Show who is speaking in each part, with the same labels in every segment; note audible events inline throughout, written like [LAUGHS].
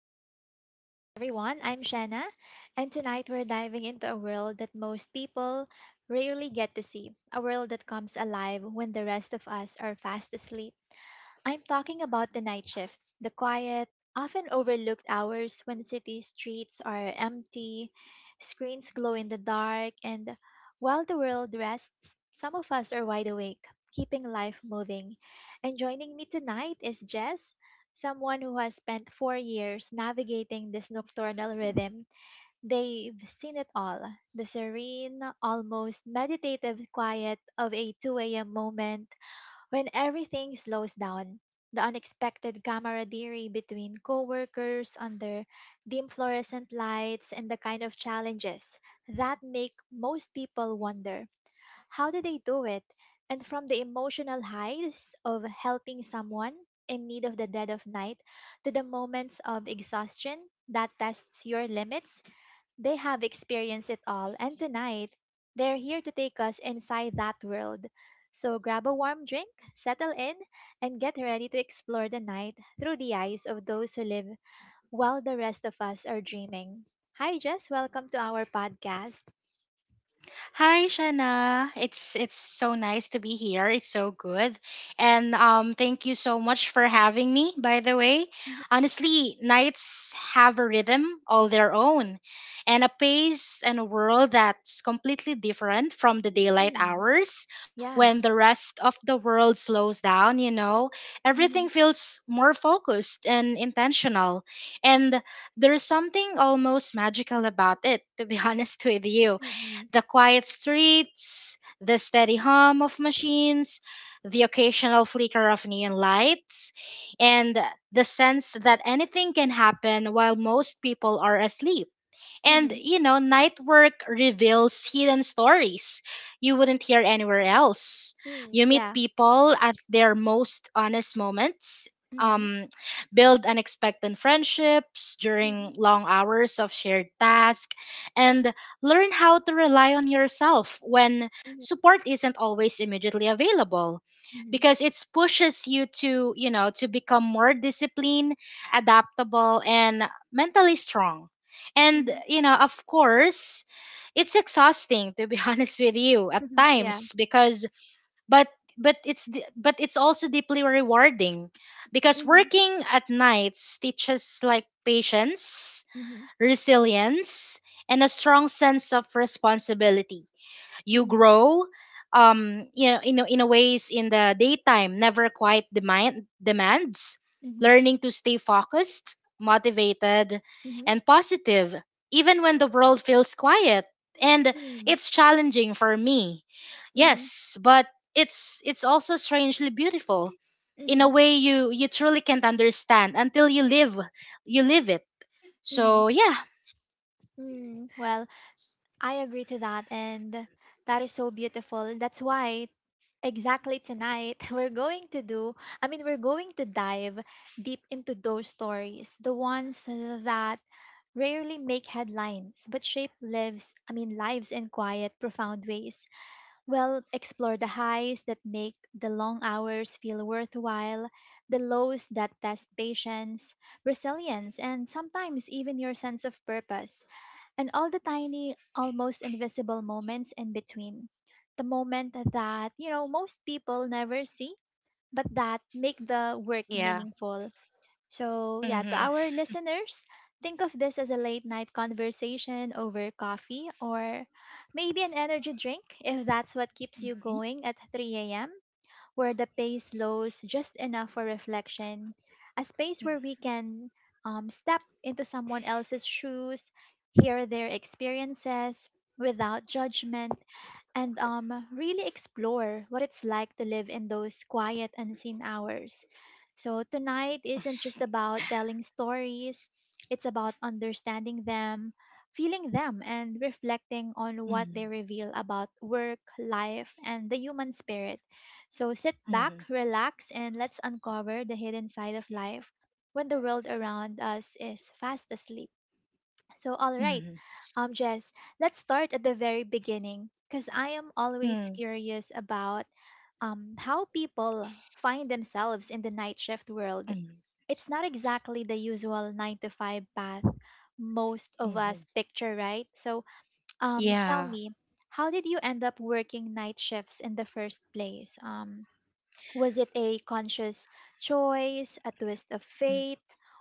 Speaker 1: back to the podcast, everyone. I'm Shanna, and tonight we're diving into a world that most people rarely get to see, a world that comes alive when the rest of us are fast asleep. I'm talking about the night shift, the quiet, often overlooked hours when city streets are empty, screens glow in the dark, and while the world rests, some of us are wide awake, keeping life moving. And joining me tonight is Jess, someone who has spent 4 years navigating this nocturnal rhythm. They've seen it all, the serene, almost meditative quiet of a 2 a.m. moment when everything slows down, the unexpected camaraderie between coworkers under dim fluorescent lights, and the kind of challenges that make most people wonder, how do they do it? And from the emotional highs of helping someone in need of the dead of night, to the moments of exhaustion that tests your limits, they have experienced it all, and tonight they're here to take us inside that world. So grab a warm drink, settle in, and get ready to explore the night through the eyes of those who live while the rest of us are dreaming. Hi, Jess. Welcome to our podcast.
Speaker 2: Hi, Shana. It's so nice to be here. It's so good, and thank you so much for having me. By the way, honestly, nights have a rhythm all their own, and a pace and a world that's completely different from the daylight
Speaker 1: Mhm.
Speaker 2: hours
Speaker 1: Yeah.
Speaker 2: when the rest of the world slows down. You know, everything
Speaker 1: Mhm.
Speaker 2: feels more focused and intentional, and there's something almost magical about it. To be [LAUGHS] honest with you,
Speaker 1: Mhm.
Speaker 2: the quiet streets, the steady hum of machines, the occasional flicker of neon lights, and the sense that anything can happen while most people are asleep. And,
Speaker 1: Mhm.
Speaker 2: you know, night work reveals hidden stories you wouldn't hear anywhere else.
Speaker 1: Mhm.
Speaker 2: You meet
Speaker 1: Yeah.
Speaker 2: people at their most honest moments,
Speaker 1: Mhm.
Speaker 2: um, build unexpected friendships during
Speaker 1: Mhm.
Speaker 2: long hours of shared task, and learn how to rely on yourself when
Speaker 1: Mhm.
Speaker 2: support isn't always immediately available
Speaker 1: Mhm.
Speaker 2: because it pushes you to, you know, to become more disciplined, adaptable, and mentally strong, and,
Speaker 1: Mhm.
Speaker 2: you know, of course, it's exhausting to be [LAUGHS] honest with you
Speaker 1: [LAUGHS]
Speaker 2: at
Speaker 1: Mhm. Yeah.
Speaker 2: times because but but it's also deeply rewarding because
Speaker 1: Mhm.
Speaker 2: working at nights teaches like patience,
Speaker 1: Mhm.
Speaker 2: resilience, and a strong sense of responsibility. You
Speaker 1: Mhm.
Speaker 2: grow, you know, in a ways in the daytime never quite demands,
Speaker 1: Mhm.
Speaker 2: learning to stay focused, motivated,
Speaker 1: Mhm.
Speaker 2: and positive even when the world feels quiet, and
Speaker 1: Mhm.
Speaker 2: it's challenging for me,
Speaker 1: Mhm.
Speaker 2: yes, but it's also strangely beautiful in a
Speaker 1: Mhm.
Speaker 2: way you truly can't understand until you live, you live it.
Speaker 1: Mhm.
Speaker 2: So yeah,
Speaker 1: Mm, well, I agree to that, and that is so beautiful. That's why exactly tonight [LAUGHS] we're going to do, I mean, we're going to dive deep into those stories, the ones that rarely make headlines but shape lives, I mean, lives in quiet, profound ways. We'll explore the highs that make the long hours feel worthwhile, the lows that test patience, resilience, and sometimes even your sense of purpose, and all the tiny, almost invisible moments in between. The moment that, you know, most people never see, but that make the work
Speaker 2: yeah.
Speaker 1: meaningful. So, yeah, to
Speaker 2: Mm-hmm.
Speaker 1: our listeners, think of this as a late night conversation over coffee, or maybe an energy drink if that's what keeps you going at 3 a.m, where the pace slows just enough for reflection, a space where we can step into someone else's shoes, hear their experiences without judgment, and really explore what it's like to live in those quiet, unseen hours. So, tonight isn't just about telling stories, it's about understanding them, feeling them, and reflecting on what they
Speaker 2: Mm-hmm.
Speaker 1: reveal about work, life, and the human spirit. So, sit back, relax, and let's uncover the hidden side of life when the world around us is fast asleep. So, all right,
Speaker 2: Mm-hmm.
Speaker 1: Jess, let's start at the very beginning, because I am always
Speaker 2: Mm-hmm.
Speaker 1: curious about how people find themselves in the night shift world.
Speaker 2: Mm,
Speaker 1: It's not exactly the usual nine to five path most of
Speaker 2: mhm.
Speaker 1: us picture, right? So, tell
Speaker 2: Yeah.
Speaker 1: me, how did you end up working night shifts in the first place? Was it a conscious choice, a twist of
Speaker 2: Mm,
Speaker 1: fate,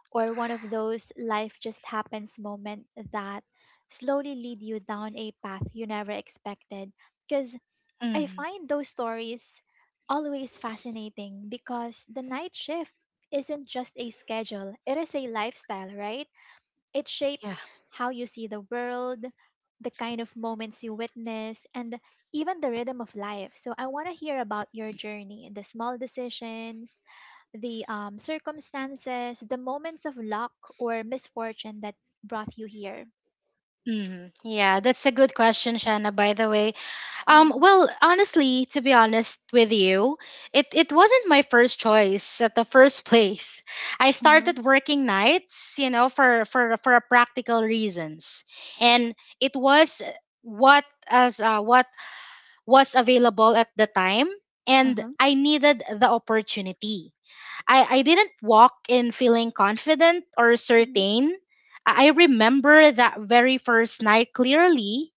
Speaker 1: or one of those life just happens moment that slowly lead you down a path you never expected? Because I
Speaker 2: mhm.
Speaker 1: find those stories always fascinating, because the night shift isn't just a schedule, it is a lifestyle, right? It
Speaker 2: Yeah.
Speaker 1: shapes how you see the world, the kind of moments you witness, and even the rhythm of life. So I want to hear about your journey, the small decisions, the circumstances, the moments of luck or misfortune that brought you here.
Speaker 2: Mhm. Yeah, that's a good question, Shanna, by the way.
Speaker 1: Mm-hmm.
Speaker 2: Well, honestly, to be honest with you, it wasn't my first choice at the first [LAUGHS] place. I
Speaker 1: Uh-huh.
Speaker 2: started working nights, you know, for a practical reasons. And it was what was available at the time, and
Speaker 1: Uh-huh.
Speaker 2: I needed the opportunity. I didn't walk in feeling confident or
Speaker 1: Mm-hmm.
Speaker 2: certain. I remember that very first night clearly.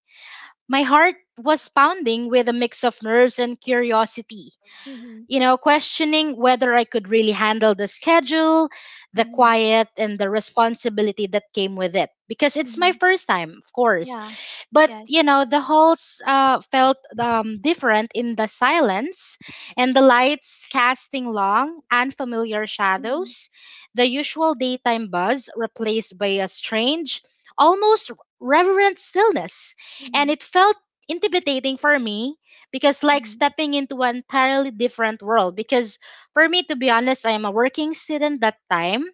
Speaker 2: My heart was pounding with a mix of nerves and curiosity,
Speaker 1: Mm-hmm.
Speaker 2: you know, questioning whether I could really handle the schedule, the
Speaker 1: Mm-hmm.
Speaker 2: quiet, and the responsibility that came with it. Because it's my
Speaker 1: Mm-hmm.
Speaker 2: first time, of course.
Speaker 1: Yeah.
Speaker 2: But you
Speaker 1: Yes.
Speaker 2: know, the halls felt different in the silence, and the lights casting long, unfamiliar
Speaker 1: Mm-hmm.
Speaker 2: shadows, the usual daytime buzz replaced by a strange, almost reverent stillness. And
Speaker 1: Mm-hmm.
Speaker 2: it felt intimidating for me because like
Speaker 1: Mm-hmm.
Speaker 2: stepping into an entirely different world. Because for me, to be honest, I am a working student that time.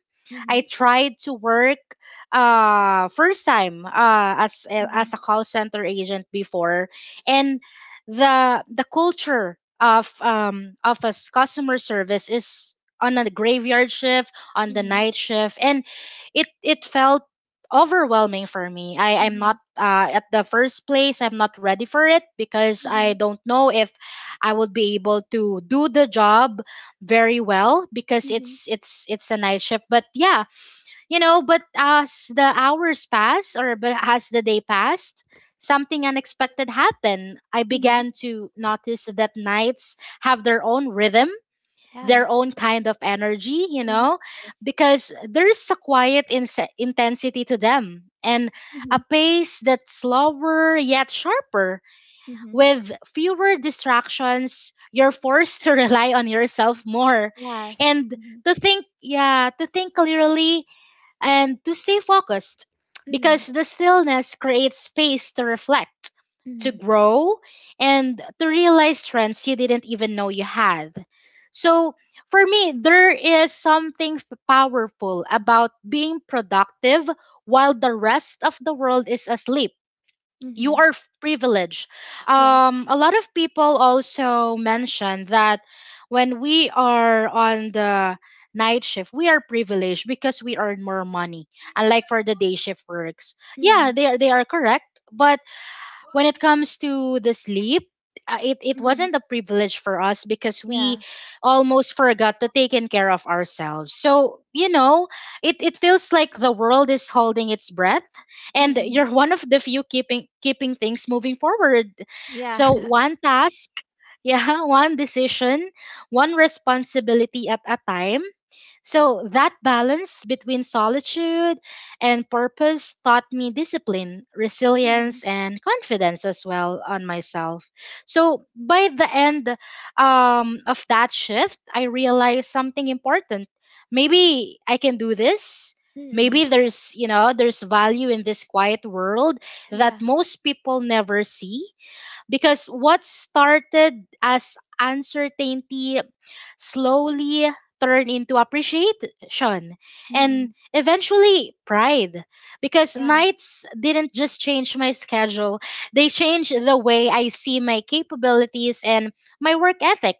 Speaker 2: I tried to work first time as
Speaker 1: Mm-hmm.
Speaker 2: a call center agent before, and the culture of customer service is on a graveyard shift, on the
Speaker 1: Mm-hmm.
Speaker 2: night shift, and it felt overwhelming for me. I'm
Speaker 1: Mm-hmm.
Speaker 2: not,
Speaker 1: Mm-hmm.
Speaker 2: at the first place I'm not ready for it because I
Speaker 1: Mm-hmm.
Speaker 2: don't know if I would be able to do the job very well because
Speaker 1: Mm-hmm.
Speaker 2: it's a night shift. But yeah, you know, but as the hours passed, or but as the day passed, something unexpected happened. I
Speaker 1: Mm-hmm.
Speaker 2: began to notice that nights have their own rhythm, their
Speaker 1: Yeah.
Speaker 2: own kind of energy, you
Speaker 1: Mm-hmm.
Speaker 2: know,
Speaker 1: Yes.
Speaker 2: because there's a quiet intensity to them, and a pace that's slower yet sharper.
Speaker 1: Mhm.
Speaker 2: With fewer distractions, you're forced to [LAUGHS] rely on yourself more.
Speaker 1: Yes.
Speaker 2: And
Speaker 1: Mhm.
Speaker 2: to think, yeah, to think clearly and to stay focused
Speaker 1: Mhm.
Speaker 2: because the stillness creates space to reflect, to
Speaker 1: Mhm.
Speaker 2: grow, and to realize strengths you didn't even know you had. So, for me, there is something powerful about being productive while the rest of the world is asleep. You
Speaker 1: Mhm.
Speaker 2: are privileged.
Speaker 1: Yes.
Speaker 2: A lot of people also mention that when we are on the night shift, we are privileged because we earn more money, unlike for the day shift works. Yeah,
Speaker 1: Mhm.
Speaker 2: they are correct, but when it comes to the sleep, it
Speaker 1: Mhm.
Speaker 2: wasn't a privilege for us because we
Speaker 1: Yeah.
Speaker 2: almost forgot to take in care of ourselves. So, you know, it feels like the world is holding its breath and
Speaker 1: Mm-mm.
Speaker 2: you're one of the few keeping, keeping things moving forward.
Speaker 1: Yeah.
Speaker 2: So
Speaker 1: [LAUGHS]
Speaker 2: one task, yeah, [LAUGHS] one decision, one responsibility at a time. So that balance between solitude and purpose taught me discipline,
Speaker 1: Mm-hmm.
Speaker 2: resilience, and confidence as well on myself. So by the end of that shift, I realized something important. Maybe I can do this.
Speaker 1: Mm-mm.
Speaker 2: Maybe there's, you know, there's value in this quiet world that
Speaker 1: Yeah.
Speaker 2: most people never see because what started as uncertainty slowly turn into appreciation and
Speaker 1: Mm-mm.
Speaker 2: eventually pride because
Speaker 1: Yeah.
Speaker 2: nights didn't just change my schedule, they changed the way I see my capabilities and my work ethic.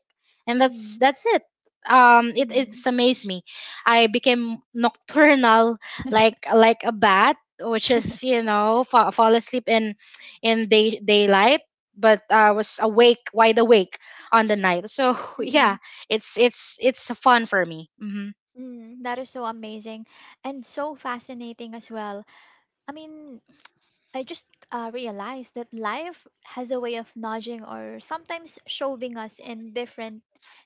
Speaker 2: And that's
Speaker 1: Mm-mm.
Speaker 2: that's it. It it's
Speaker 1: Mm-mm.
Speaker 2: amazed me. I became nocturnal,
Speaker 1: [LAUGHS]
Speaker 2: like a bat, which is, you know, fall asleep in day daylight, but I was awake, wide awake on the night. So [LAUGHS] yeah,
Speaker 1: Mm-mm.
Speaker 2: it's fun for me. Hmm.
Speaker 1: Mm-mm. That is so amazing and so fascinating as well. I mean, I just realized that life has a way of nudging, or sometimes shoving us in different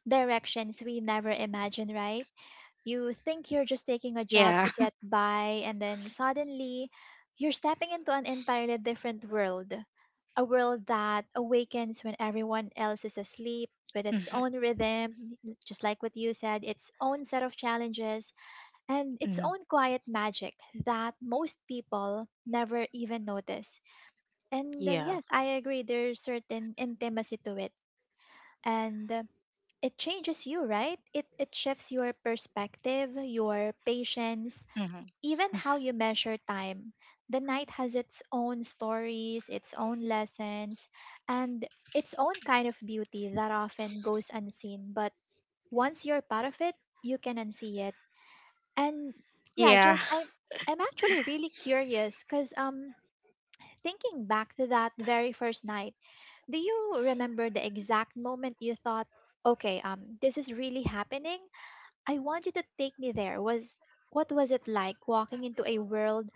Speaker 1: directions we never imagined, right? You think you're just taking a job
Speaker 2: Yeah.
Speaker 1: to get
Speaker 2: [LAUGHS]
Speaker 1: by, and then suddenly you're stepping into an entirely different world. A world that awakens when everyone else is asleep, with its
Speaker 2: Mm-hmm.
Speaker 1: own rhythm, just like what you said, its own set of challenges, and its
Speaker 2: Hmm.
Speaker 1: own quiet magic that most people never even notice. And
Speaker 2: Yeah.
Speaker 1: yes, I agree, there's certain intimacy to it. And it changes you, right? It shifts your perspective, your patience,
Speaker 2: Hmm.
Speaker 1: even how you measure time. The night has its own stories, its own lessons, and its own kind of beauty that often goes unseen, but once you're part of it, you can unsee it. And yeah,
Speaker 2: Yeah.
Speaker 1: just I I'm actually really curious cuz thinking back to that very first night, do you remember the exact moment you thought, okay, this is really happening? I want you to take me there. Was What was it like walking into a world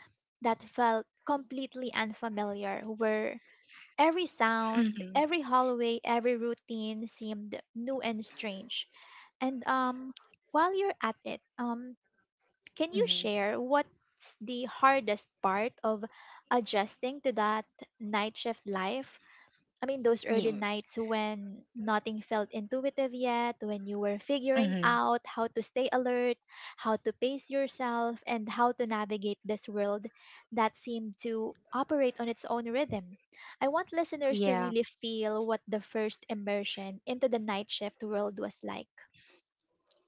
Speaker 1: that felt completely unfamiliar, where every
Speaker 2: [LAUGHS]
Speaker 1: sound,
Speaker 2: Hmm.
Speaker 1: every hallway, every routine seemed new and strange? And while you're at it, can you
Speaker 2: Hmm.
Speaker 1: share, what's the hardest part of adjusting to that night shift life? I mean, those
Speaker 2: Yeah.
Speaker 1: early nights when nothing felt intuitive yet, when you were figuring
Speaker 2: Hmm.
Speaker 1: out how to stay alert, how to pace yourself, and how to navigate this world that seemed to operate on its own rhythm. I want listeners to
Speaker 2: Yeah.
Speaker 1: really feel what the first immersion into the night shift world was like.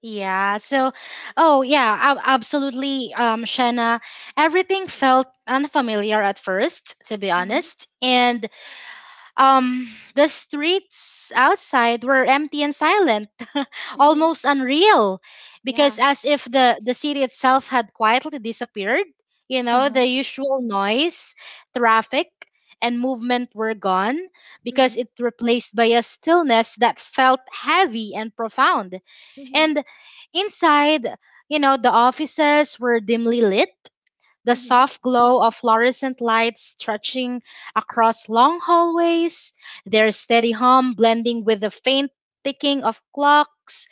Speaker 2: Yeah. So, oh yeah, absolutely, Shanna. Everything felt unfamiliar at first, to be
Speaker 1: Mm-hmm.
Speaker 2: honest, and um, the streets outside were empty and silent, [LAUGHS]
Speaker 1: Mm-hmm.
Speaker 2: almost unreal, because
Speaker 1: Yeah.
Speaker 2: as if the city itself had quietly disappeared. You
Speaker 1: Uh
Speaker 2: know,
Speaker 1: huh.
Speaker 2: the usual noise, traffic, and movement were gone
Speaker 1: Mm-hmm.
Speaker 2: because it replaced by a stillness that felt heavy and profound. And inside, you know, the offices were dimly lit, the
Speaker 1: Mm-hmm.
Speaker 2: soft glow of fluorescent lights stretching across long hallways, their steady hum blending with the faint ticking of clocks.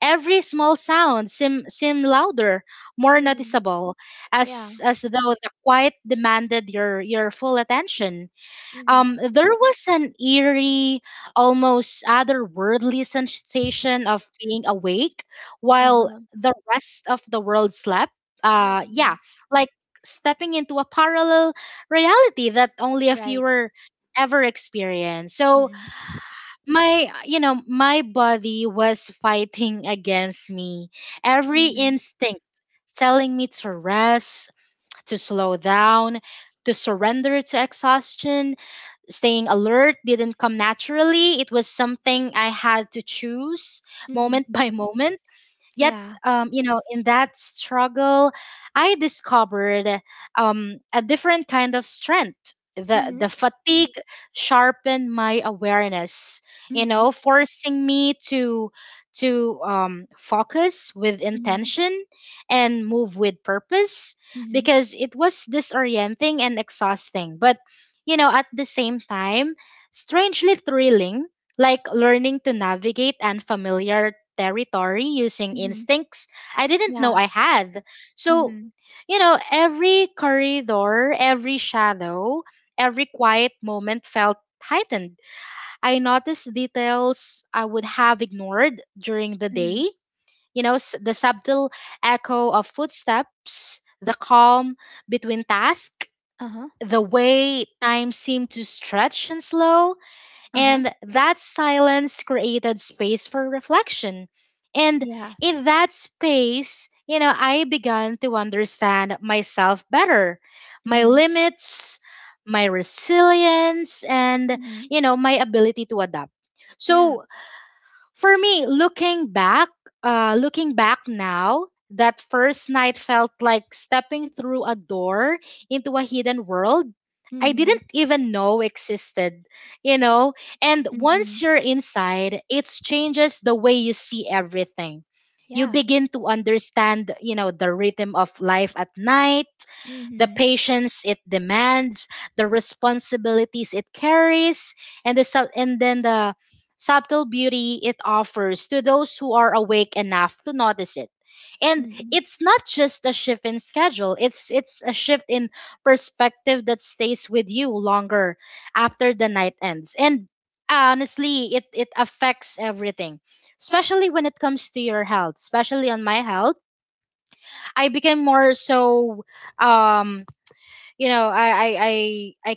Speaker 2: Every small sound seemed seem louder, more
Speaker 1: Mm-hmm.
Speaker 2: noticeable,
Speaker 1: Yeah.
Speaker 2: as though the quiet demanded your full attention.
Speaker 1: Mm-hmm.
Speaker 2: There was an eerie, almost otherworldly sensation of being awake while
Speaker 1: Uh-huh.
Speaker 2: the rest of the world slept.
Speaker 1: Mm-hmm.
Speaker 2: Yeah, like stepping into a parallel reality that only a few
Speaker 1: Right.
Speaker 2: were ever experienced. So
Speaker 1: Mm-hmm.
Speaker 2: my, you know, my body was fighting against me. Every
Speaker 1: Mm-hmm.
Speaker 2: instinct telling me to rest, to slow down, to surrender to exhaustion. Staying alert didn't come naturally. It was something I had to choose
Speaker 1: Mm-hmm.
Speaker 2: moment [LAUGHS] by moment. Yet,
Speaker 1: Yeah.
Speaker 2: you know, in that struggle, I discovered a different kind of strength.
Speaker 1: Mm-hmm.
Speaker 2: The fatigue sharpened my awareness, you
Speaker 1: Mm-hmm.
Speaker 2: know, forcing me to focus with
Speaker 1: Mm-hmm.
Speaker 2: intention and move with purpose
Speaker 1: Mm-hmm.
Speaker 2: because it was disorienting and exhausting. But you know, at the same time, strangely thrilling, like learning to navigate unfamiliar territory using
Speaker 1: Mm-hmm.
Speaker 2: instincts I didn't know
Speaker 1: Yeah.
Speaker 2: I had. So,
Speaker 1: Mm-hmm.
Speaker 2: you know, every corridor, every shadow, every quiet moment felt heightened. I noticed details I would have ignored during the
Speaker 1: Mm-hmm.
Speaker 2: day. You know, the subtle echo of footsteps, the calm between tasks,
Speaker 1: Uh-huh.
Speaker 2: the way time seemed to stretch and slow.
Speaker 1: Uh-huh.
Speaker 2: And that silence created space for reflection. And
Speaker 1: Yeah.
Speaker 2: in that space, you know, I began to understand myself better, my
Speaker 1: Mm-hmm.
Speaker 2: limits, my resilience, and,
Speaker 1: Mm-hmm.
Speaker 2: you know, my ability to adapt.
Speaker 1: Yeah.
Speaker 2: So for me, looking back now, that first night felt like stepping through a door into a hidden world I
Speaker 1: Mm-hmm.
Speaker 2: didn't even know existed, you know? And once
Speaker 1: Mm-hmm.
Speaker 2: you're inside, it changes the way you see everything. You
Speaker 1: Yeah.
Speaker 2: begin to understand, you know, the rhythm of life at night, the
Speaker 1: Mm-hmm.
Speaker 2: patience it demands, the responsibilities it carries, and the subtle beauty it offers to those who are awake enough to notice it. And
Speaker 1: Mm-hmm.
Speaker 2: it's not just a shift in schedule, it's a shift in perspective that stays with you longer after the night ends. And honestly, it affects everything, especially when it comes to your health, especially on my health. I became more so um you know, I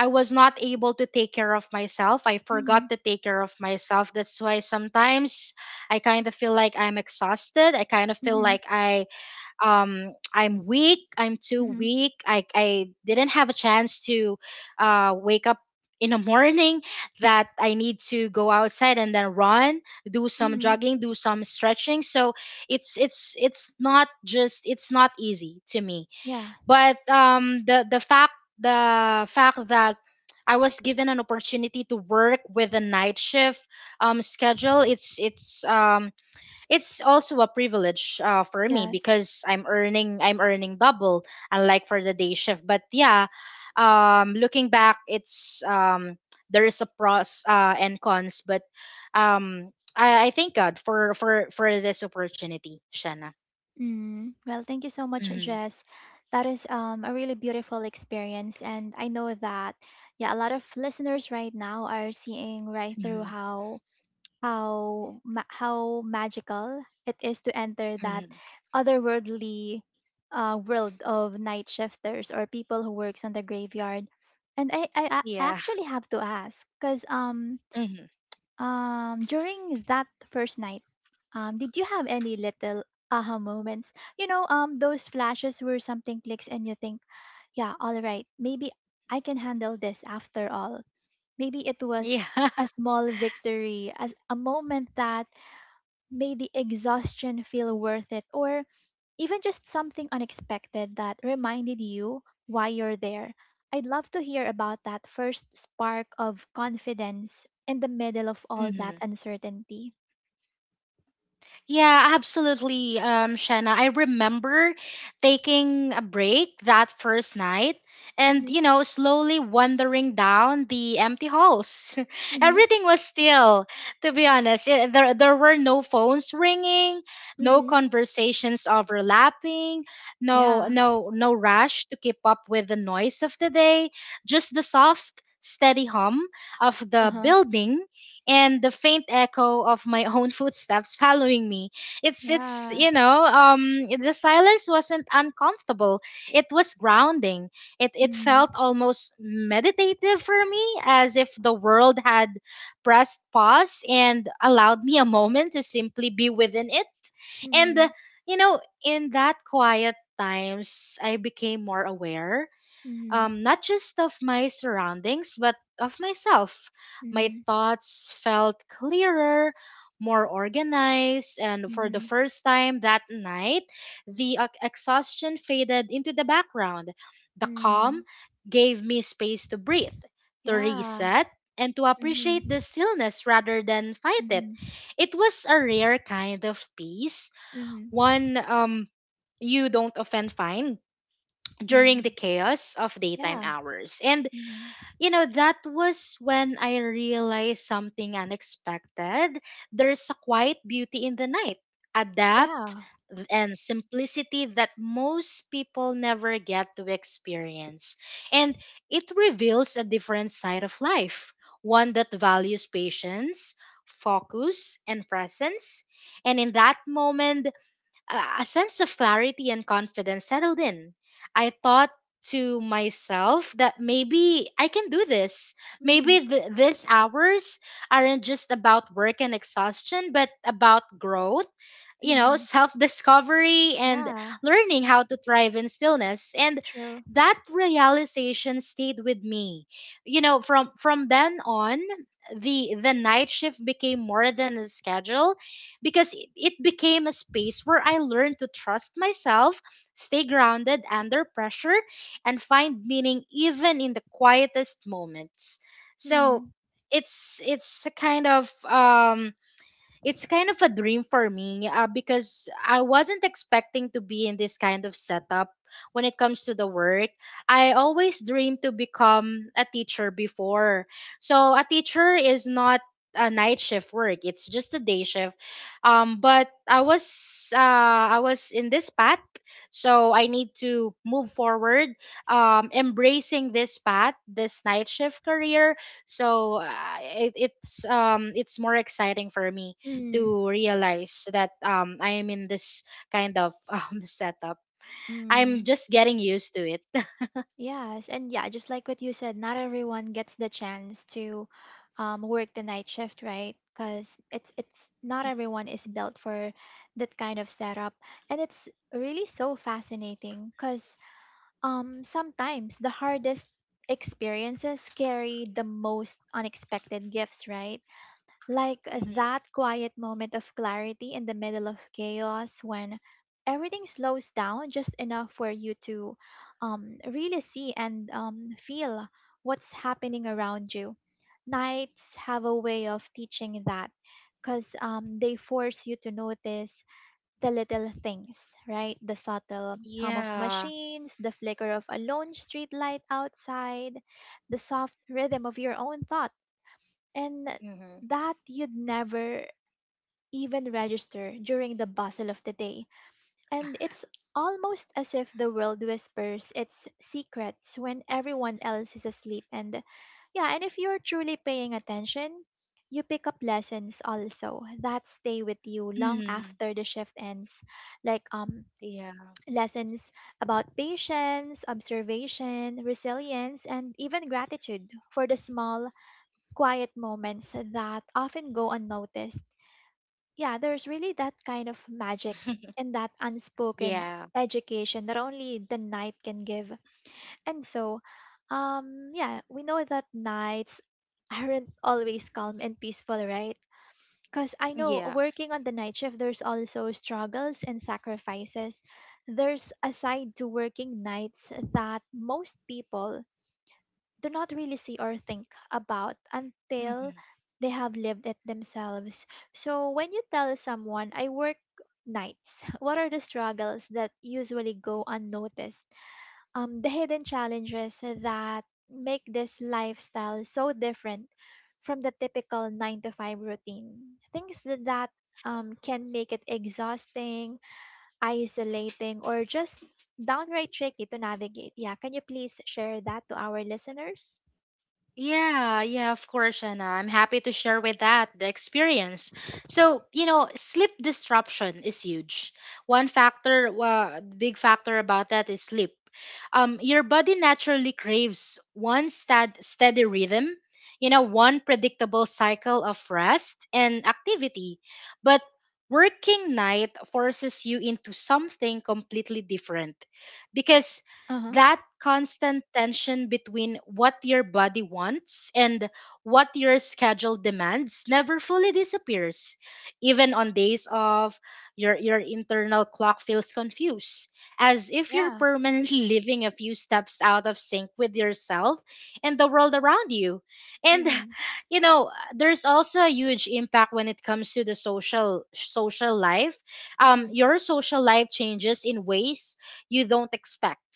Speaker 2: I was not able to take care of myself. I forgot
Speaker 1: Mm-hmm.
Speaker 2: to take care of myself. That's why sometimes I kind of feel like I'm exhausted. I kind of feel
Speaker 1: Mm-hmm.
Speaker 2: like I, I'm weak. I'm too
Speaker 1: Mm-hmm.
Speaker 2: weak. I didn't have a chance to wake up in the morning, that I need to go outside and then run, do some
Speaker 1: Mm-hmm.
Speaker 2: jogging, do some stretching. So it's not just, it's not easy to me,
Speaker 1: Yeah.
Speaker 2: but the fact, the fact that I was given an opportunity to work with a night shift schedule, it's also a privilege, for me
Speaker 1: Yes.
Speaker 2: because I'm earning double, unlike for the day shift. But yeah, looking back, it's there is a pros and cons, but um I thank God for this opportunity, Shanna.
Speaker 1: Mm, well, thank you so much,
Speaker 2: Hmm.
Speaker 1: Jess. That is a really beautiful experience. And I know that, yeah, a lot of listeners right now are seeing right through
Speaker 2: Hmm.
Speaker 1: how how magical it is to enter that
Speaker 2: Hmm.
Speaker 1: otherworldly world of night shifters, or people who works on the graveyard. And I
Speaker 2: Yeah.
Speaker 1: actually have to ask, because
Speaker 2: Hmm.
Speaker 1: during that first night, did you have any little aha moments? You know, those flashes where something clicks and you think, yeah, all right, maybe I can handle this after all. Maybe it
Speaker 2: Yeah.
Speaker 1: was a
Speaker 2: [LAUGHS]
Speaker 1: small victory, as a moment that made the exhaustion feel worth it, or even just something unexpected that reminded you why you're there. I'd love to hear about that first spark of confidence in the middle of all that
Speaker 2: Hmm.
Speaker 1: uncertainty.
Speaker 2: Yeah, absolutely, Shanna. I remember taking a break that first night and, you
Speaker 1: Mhm.
Speaker 2: know, slowly wandering down the empty halls. [LAUGHS]
Speaker 1: Mhm.
Speaker 2: Everything was still, to be honest. There were no phones ringing, no
Speaker 1: Mhm.
Speaker 2: conversations overlapping, no,
Speaker 1: Yeah.
Speaker 2: no, no rush to keep up with the noise of the day, just the soft, steady hum of the
Speaker 1: Uh-huh.
Speaker 2: building and the faint echo of my [LAUGHS] own footsteps following me. It's it's
Speaker 1: Yeah.
Speaker 2: you know um the silence wasn't uncomfortable. It was grounding. It
Speaker 1: Mhm.
Speaker 2: felt almost meditative for me, as if the world had pressed pause and allowed me a moment to simply be within it. And
Speaker 1: Mhm.
Speaker 2: You know, in that quiet times, I became more aware
Speaker 1: Mhm.
Speaker 2: not just of my surroundings, but of myself. My
Speaker 1: Mhm.
Speaker 2: thoughts felt clearer, more organized, and for the
Speaker 1: Mhm.
Speaker 2: first time that night, the exhaustion faded into the background. The calm
Speaker 1: Mhm.
Speaker 2: gave me space to breathe, to
Speaker 1: Yeah.
Speaker 2: reset, and to appreciate the
Speaker 1: Mhm.
Speaker 2: stillness rather than fight it.
Speaker 1: Mhm.
Speaker 2: It was a rare kind of peace,
Speaker 1: Mhm.
Speaker 2: one you don't often find during the
Speaker 1: Mhm.
Speaker 2: chaos of daytime
Speaker 1: Yeah.
Speaker 2: hours. And,
Speaker 1: Mhm.
Speaker 2: you know, that was when I realized something unexpected. There's a quiet beauty in the night, adapt
Speaker 1: Yeah.
Speaker 2: and simplicity that most people never get to experience. And it reveals a different side of life, one that values patience. Focus and presence. And in that moment, a sense of clarity and confidence settled in. I thought to myself that maybe I can do this.
Speaker 1: Mhm.
Speaker 2: Maybe these hours aren't just about work and exhaustion, but about growth, you know,
Speaker 1: Mhm.
Speaker 2: self discovery and
Speaker 1: Yeah,
Speaker 2: learning how to thrive in stillness. And
Speaker 1: true.
Speaker 2: that realization stayed with me. You know, from then on, the night shift became more than a schedule because it became a space where I learned to trust myself, stay grounded under pressure, and find meaning even in the quietest moments. So
Speaker 1: Mm,
Speaker 2: it's a kind of it's kind of a dream for me because I wasn't expecting to be in this kind of setup when it comes to the work. I always dreamed to become a teacher before. So a teacher is not a night shift work, it's just a day shift, but I was I was in this path, so I need to move forward, embracing this path, this night shift career. So it's more exciting for me
Speaker 1: mm,
Speaker 2: to realize that I am in this kind of [LAUGHS] setup. I'm
Speaker 1: mm.
Speaker 2: just getting used to it.
Speaker 1: Yes, and yeah, just like what you said, not everyone gets the chance to work the night shift, right? Because it's not everyone is built for that kind of setup, and it's really so fascinating. Because sometimes the hardest experiences carry the most unexpected gifts, right? Like
Speaker 2: [LAUGHS] Hmm.
Speaker 1: that quiet moment of clarity in the middle of chaos, when everything slows down just enough for you to really see and feel what's happening around you. Nights have a way of teaching that, because they force you to notice the little things, right? The subtle hum of
Speaker 2: Yeah.
Speaker 1: machines, the flicker of a lone street light outside, the soft rhythm of your own thoughts, and
Speaker 2: Hmm.
Speaker 1: that you'd never even register during the bustle of the day. And it's almost as if the world whispers its secrets when everyone else is asleep. And yeah, and if you're truly paying attention, you pick up lessons also that stay with you long
Speaker 2: Hmm.
Speaker 1: after the shift ends, like
Speaker 2: Yeah.
Speaker 1: lessons about patience, observation, resilience, and even gratitude for the small, quiet moments that often go unnoticed. Yeah, there's really that kind of magic and that unspoken
Speaker 2: Yeah.
Speaker 1: education that only the night can give. And so, yeah, we know that nights aren't always calm and peaceful, right? Because I know
Speaker 2: Yeah.
Speaker 1: working on the night shift, there's also struggles and sacrifices. There's a side to working nights that most people do not really see or think about until
Speaker 2: Mm-hmm.
Speaker 1: they have lived it themselves. So when you tell someone, I work nights, [LAUGHS] what are the struggles that usually go unnoticed? The hidden challenges that make this lifestyle so different from the typical 9 to 5 routine. Things that, can make it exhausting, isolating, or just downright tricky to navigate. Yeah, can you please share that to our listeners?
Speaker 2: Yeah, yeah, of course, Anna. I'm happy to share with that the experience. So, you know, sleep disruption is huge. One factor, big factor about that is sleep. Your body naturally craves one steady rhythm, you know, one predictable cycle of rest and activity. But working night forces you into something completely different because
Speaker 1: Uh-huh.
Speaker 2: that constant tension between what your body wants and what your schedule demands never fully disappears. Even on days off, your internal clock feels confused, as if you're
Speaker 1: Yeah.
Speaker 2: permanently [LAUGHS] living a few steps out of sync with yourself and the world around you. And
Speaker 1: Mm-hmm.
Speaker 2: [LAUGHS] you know, there's also a huge impact when it comes to the social life.
Speaker 1: Mm-hmm.
Speaker 2: Your social life changes in ways you don't expect.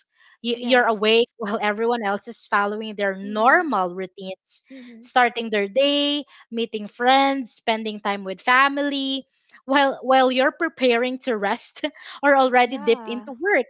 Speaker 2: You're
Speaker 1: Yes.
Speaker 2: awake [LAUGHS] while everyone else is following their
Speaker 1: Mm-hmm.
Speaker 2: normal routines,
Speaker 1: Mm-hmm.
Speaker 2: starting their day, meeting friends, spending time with family, while you're preparing to rest [LAUGHS] or already dip
Speaker 1: Yeah.
Speaker 2: into work.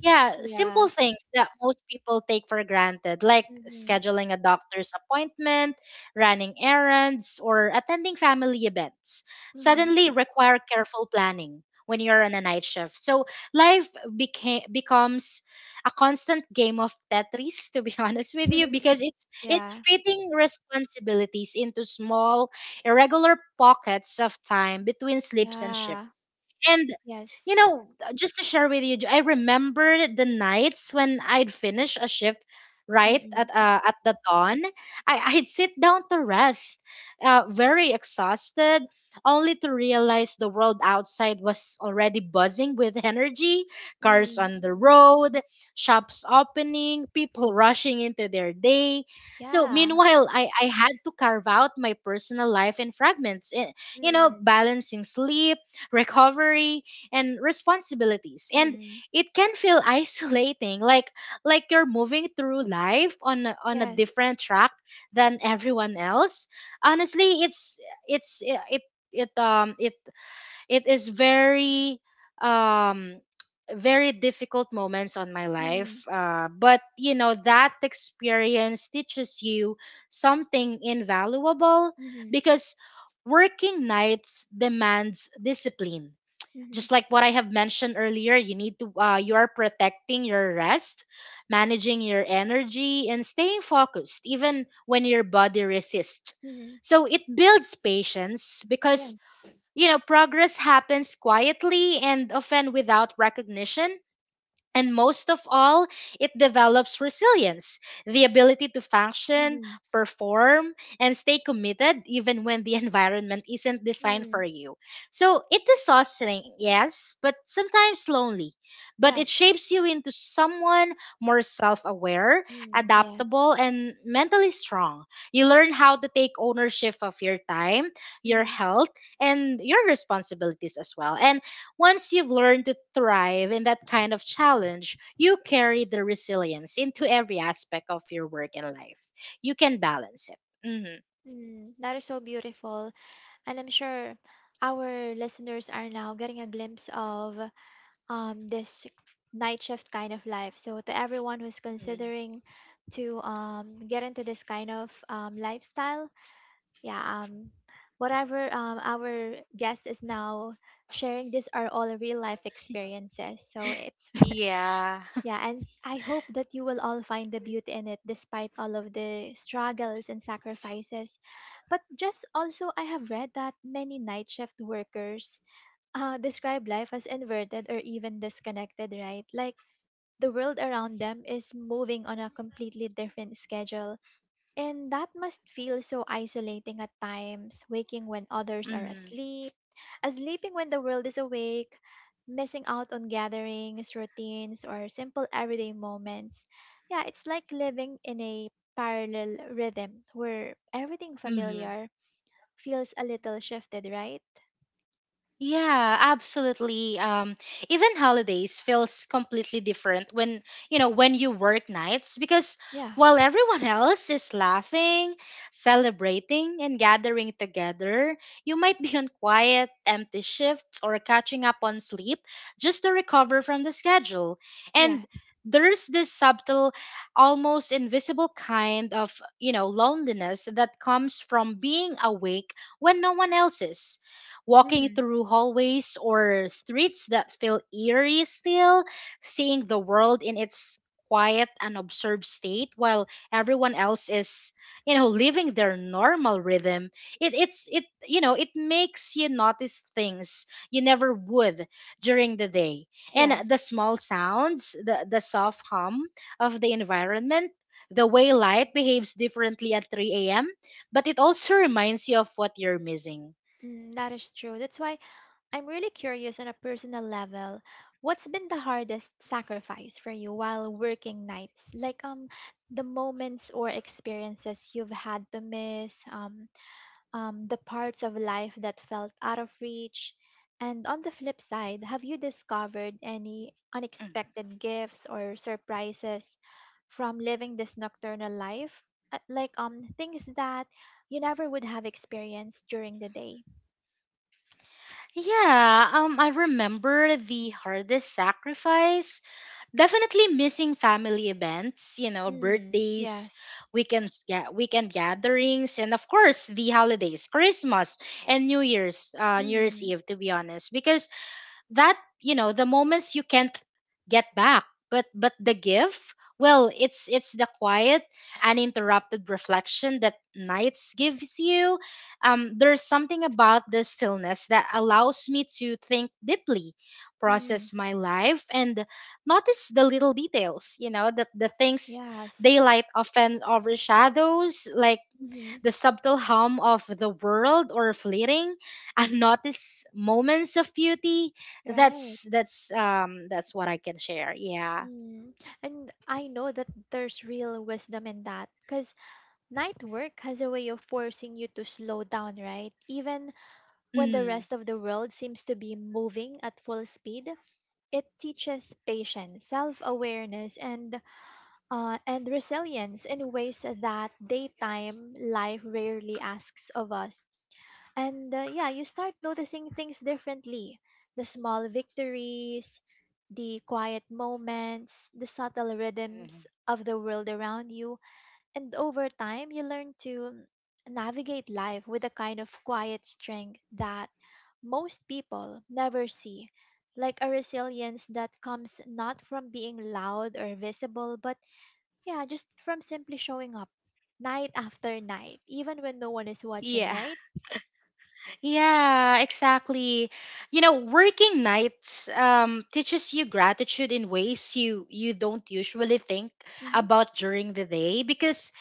Speaker 2: Yeah, simple
Speaker 1: Yes.
Speaker 2: things that most people take for granted, like
Speaker 1: Mm-hmm.
Speaker 2: scheduling a doctor's appointment, running errands, or attending family events, suddenly require careful planning when you're on a night shift. So life became becomes a constant game of Tetris, to be [LAUGHS] honest with you,
Speaker 1: Mm-hmm.
Speaker 2: because it's
Speaker 1: [LAUGHS] Yeah.
Speaker 2: fitting responsibilities into small, irregular pockets of time between sleeps and
Speaker 1: Yeah.
Speaker 2: shifts. And
Speaker 1: Yes.
Speaker 2: you know, just to share with you, I remember the nights when I'd finish a shift right
Speaker 1: Mm-mm.
Speaker 2: at the dawn. I'd sit down to rest, very exhausted, only to realize the world outside was already buzzing with energy, cars
Speaker 1: Mm-mm.
Speaker 2: on the road, shops opening, people rushing into their day. So
Speaker 1: Yeah.
Speaker 2: meanwhile, I had to carve out my personal life in fragments, you know,
Speaker 1: Mm-mm.
Speaker 2: balancing sleep, recovery, and responsibilities. And
Speaker 1: Mm-mm.
Speaker 2: it can feel [LAUGHS] isolating, like you're moving through life on on a
Speaker 1: Yes.
Speaker 2: different track than everyone else. Honestly, it's it it it it is very um very difficult moments on my
Speaker 1: Mm-mm.
Speaker 2: life but you know that experience teaches you something invaluable
Speaker 1: Mm-hmm.
Speaker 2: because working nights demands discipline,
Speaker 1: Mhm.
Speaker 2: just like what I have mentioned earlier. You need to you are protecting your rest, managing your energy, and staying focused even when your body resists.
Speaker 1: Mhm.
Speaker 2: So it builds patience because,
Speaker 1: Yes.
Speaker 2: you know, progress happens quietly and often without recognition. And most of all, it develops resilience, the ability to function,
Speaker 1: Mhm.
Speaker 2: perform, and stay committed even when the [LAUGHS] environment isn't designed
Speaker 1: Mhm.
Speaker 2: for you. So it is exhausting, yes, but sometimes lonely. But it
Speaker 1: Yes.
Speaker 2: shapes you into someone more self aware,
Speaker 1: Mm, yes.
Speaker 2: adaptable, and mentally strong. You learn how to take ownership of your time, your
Speaker 1: Mhm.
Speaker 2: health, and your responsibilities as well. And once you've learned to thrive in that kind of challenge, you carry the resilience into every aspect of your work and life. You can balance it.
Speaker 1: Mm, that is so beautiful, and I'm sure our listeners are now getting a glimpse of this night shift kind of life. So to everyone who's
Speaker 2: Mm-hmm.
Speaker 1: considering to get into this kind of lifestyle, yeah, um whatever our guest is now sharing, these are all real life experiences. So it's
Speaker 2: Yeah.
Speaker 1: yeah, and I hope that you will all find the beauty in it despite all of the struggles and sacrifices. But just also, I have read that many night shift workers describe life as inverted or even disconnected, right? Like the world around them is moving on a completely different schedule, and that must feel so isolating at times, waking when others are
Speaker 2: [LAUGHS]
Speaker 1: asleep, sleeping when the world is awake, missing out on gatherings, routines, or simple everyday moments. Yeah, it's like living in a parallel rhythm where everything
Speaker 2: Mm-hmm.
Speaker 1: familiar feels a little shifted, right?
Speaker 2: Yeah, absolutely. Even holidays feels completely different when when you work nights because
Speaker 1: Yeah,
Speaker 2: while everyone [LAUGHS] else is laughing, celebrating, and gathering together, you might be on quiet, empty shifts or catching up on sleep just to recover from the schedule.
Speaker 1: yeah.
Speaker 2: And there's this subtle, almost invisible kind of, you know, loneliness that comes from being awake when no one else is, walking
Speaker 1: Mm-hmm.
Speaker 2: through hallways or streets that feel eerie still, seeing the world in its quiet and observed state while everyone else is, you know, living their normal rhythm. It it's it you know it makes you notice things you never would during the day, and
Speaker 1: Yes,
Speaker 2: the small sounds, the soft hum of the environment, the way light behaves differently at 3 a.m, but it also reminds you of what you're missing.
Speaker 1: mm, that is true. That's why I'm really curious on a personal level. What's been the hardest sacrifice for you while working nights? Like the moments or experiences you've had to miss, the parts of life that felt out of reach. And on the flip side, have you discovered any unexpected gifts or surprises from living this nocturnal life? Like things that you never would have experienced during the day.
Speaker 2: Yeah, I remember the hardest sacrifice. Definitely missing family events, you know,
Speaker 1: Mm,
Speaker 2: birthdays,
Speaker 1: yes.
Speaker 2: weekends, weekend gatherings, and of course the holidays, Christmas and New Year's, New Year's
Speaker 1: Hmm.
Speaker 2: Eve. To be honest, because that, you know, the moments you can't get back. But the gift, it's the quiet uninterrupted reflection that nights gives you. There's something about the stillness that allows me to think deeply,
Speaker 1: Mm.
Speaker 2: process my life, and notice the little details, you know, that the things
Speaker 1: Yes.
Speaker 2: daylight often overshadows, like
Speaker 1: Mm-hmm.
Speaker 2: the subtle hum of the world or fleeting unnoticed moments of beauty.
Speaker 1: Right.
Speaker 2: That's what I can share. Yeah.
Speaker 1: Mm. And I know that there's real wisdom in that because night work has a way of forcing you to slow down, right? Even when the
Speaker 2: Mm.
Speaker 1: rest of the world seems to be moving at full speed, it teaches patience, self-awareness, and resilience in ways that daytime life rarely asks of us. And yeah, you start noticing things differently, the small victories, the quiet moments, the subtle
Speaker 2: Mhm.
Speaker 1: rhythms of the world around you. And over time, you learn to navigate life with a kind of quiet strength that most people never see. Like a resilience that comes not from being loud or visible, but yeah, just from simply showing up night after night, even when no one is watching,
Speaker 2: Yeah. [LAUGHS]
Speaker 1: right?
Speaker 2: Yeah, exactly. You know, working nights teaches you gratitude in ways you you don't usually think
Speaker 1: Mhm.
Speaker 2: about during the day, because